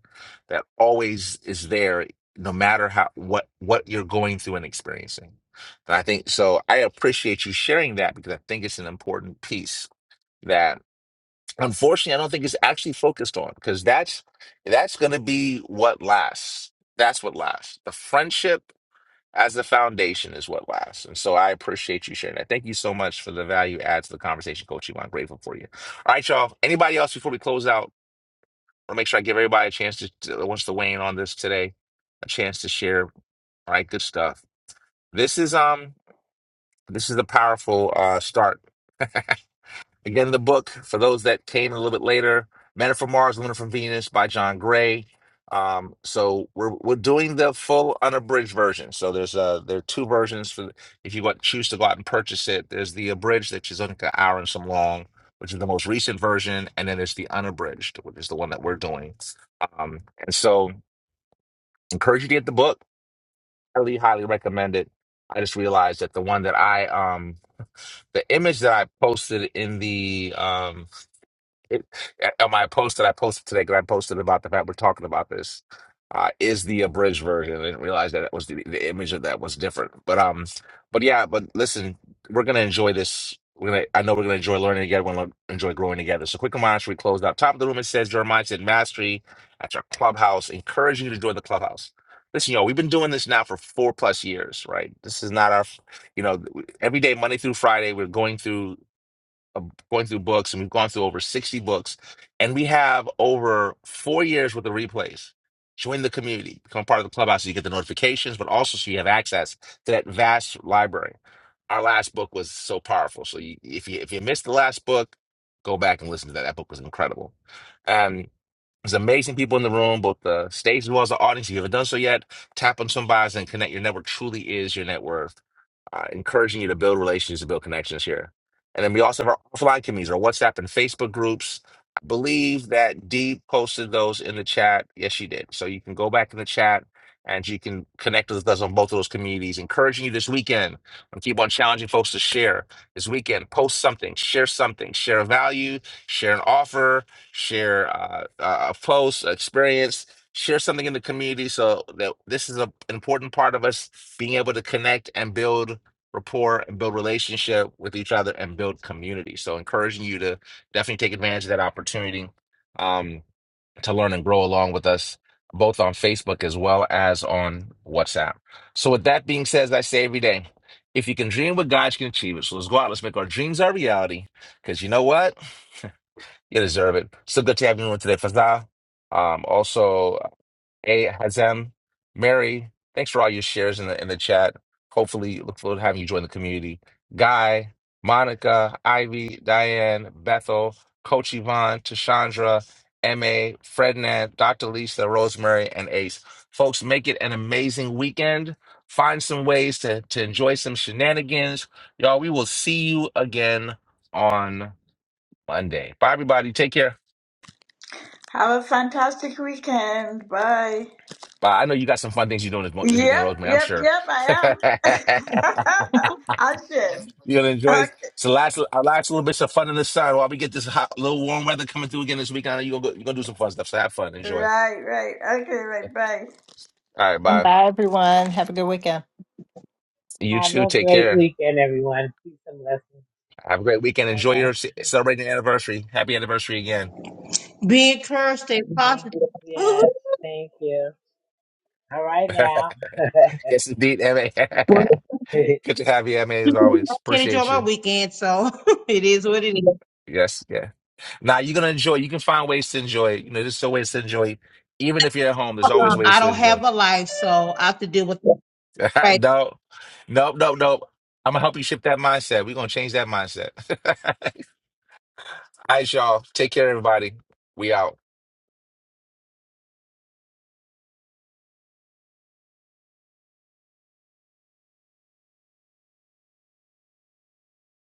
Speaker 1: that always is there, no matter how what what you're going through and experiencing. And I think so. I appreciate you sharing that because I think it's an important piece that unfortunately I don't think it's actually focused on because that's that's going to be what lasts. That's what lasts. The friendship as the foundation is what lasts. And so I appreciate you sharing that. Thank you so much for the value add to the conversation, Coach Yvonne. Grateful for you. All right, y'all. Anybody else before we close out? I'll make sure I give everybody a chance to, to wants to weigh in on this today, a chance to share. All right, good stuff. This is um this is a powerful uh start. Again, the book, for those that came a little bit later, Men Are from Mars, Women Are from Venus by John Gray. Um, so we're we're doing the full unabridged version. So there's uh there are two versions for if you want choose to go out and purchase it. There's the abridged, which is like an hour and some long, which is the most recent version, and then there's the unabridged, which is the one that we're doing. Um, and so encourage you to get the book. Highly, highly recommend it. I just realized that the one that I um the image that I posted in the um, it, on my post that I posted today, because I posted about the fact we're talking about this, uh, is the abridged version. I didn't realize that it was the, the image of that was different. But um, but yeah, but listen, we're gonna enjoy this. We're gonna, I know we're gonna enjoy learning together. We're gonna enjoy growing together. So, quick reminder: we close out top of the room. It says Jeremiah said, "Mastery at your clubhouse." Encourage you to join the clubhouse. Listen, y'all, we've been doing this now for four plus years, right? This is not our, you know, every day, Monday through Friday, we're going through of going through books, and we've gone through over 60 books, and we have over four years worth of replays. Join the community, become part of the clubhouse so you get the notifications, but also so you have access to that vast library. Our last book was so powerful. So you, if you if you missed the last book, go back and listen to that. That book was incredible. Um, there's amazing people in the room, both the stage as well as the audience. If you haven't done so yet, tap on some bios and connect. Your network truly is your net worth uh, encouraging you to build relations, to build connections here. And then we also have our offline communities, our WhatsApp and Facebook groups. I believe that Dee posted those in the chat. Yes, she did. So you can go back in the chat and you can connect with us on both of those communities. Encouraging you this weekend. I keep on challenging folks to share this weekend. Post something, share something, share a value, share an offer, share uh, uh, a post, experience, share something in the community. So that this is a, an important part of us being able to connect and build rapport and build relationship with each other and build community. So encouraging you to definitely take advantage of that opportunity um, to learn and grow along with us both on Facebook as well as on WhatsApp. So with that being said, as I say every day, if you can dream what God you can achieve it. So let's go out, let's make our dreams our reality. Because you know what? You deserve it. So good to have you on today, Fazal. Um, also, Hey, Hazem, Mary, thanks for all your shares in the in the chat. Hopefully, look forward to having you join the community. Guy, Monica, Ivy, Diane, Bethel, Coach Yvonne, Tashandra, MA, Frednan, Dr. Lisa, Rosemary, and Ace. Folks, make it an amazing weekend. Find some ways to, to enjoy some shenanigans. Y'all, we will see you again on Monday. Bye, everybody. Take care.
Speaker 8: Have a fantastic weekend. Bye.
Speaker 1: But I know you got some fun things you're doing this, mo- this weekend,
Speaker 8: Yep,
Speaker 1: Rosemary. I'm
Speaker 8: yep,
Speaker 1: sure
Speaker 8: yep.
Speaker 1: you're
Speaker 8: I am. I'll share.
Speaker 1: gonna enjoy this.
Speaker 8: Okay.
Speaker 1: It's the last, our last little bit of fun in the sun while we get this hot, little warm weather coming through again this weekend. You're gonna go, you're gonna do some fun stuff. So have fun, enjoy.
Speaker 8: Right, right. Okay, right. Bye.
Speaker 1: All right, bye. You
Speaker 11: Have
Speaker 1: too.
Speaker 11: a
Speaker 1: Take
Speaker 11: great
Speaker 1: care.
Speaker 11: weekend, everyone. Peace and blessings.
Speaker 1: Have a great weekend.
Speaker 11: All
Speaker 1: Enjoy
Speaker 11: right.
Speaker 1: your ce- celebrating the anniversary. Happy anniversary again.
Speaker 5: Be encouraged. Stay
Speaker 11: Thank
Speaker 5: positive. Ooh,
Speaker 11: yes. Thank you. All right now.
Speaker 1: yes, indeed,
Speaker 5: well,
Speaker 1: Ma. Good to have you, Ma.
Speaker 5: I
Speaker 1: As always,
Speaker 5: can't enjoy
Speaker 1: appreciate
Speaker 5: my
Speaker 1: you.
Speaker 5: weekend, so it is what it is.
Speaker 1: Yes, yes. Now you're gonna enjoy. You can find ways to enjoy. You know, there's still ways to enjoy. Even if you're at home, there's always ways
Speaker 5: I
Speaker 1: to
Speaker 5: don't
Speaker 1: enjoy.
Speaker 5: have a life, so I have to deal with
Speaker 1: it.
Speaker 5: that.
Speaker 1: no, nope, nope, nope. I'm gonna help you shift that mindset. We're gonna change that mindset. All right, y'all. Take care, everybody. We out.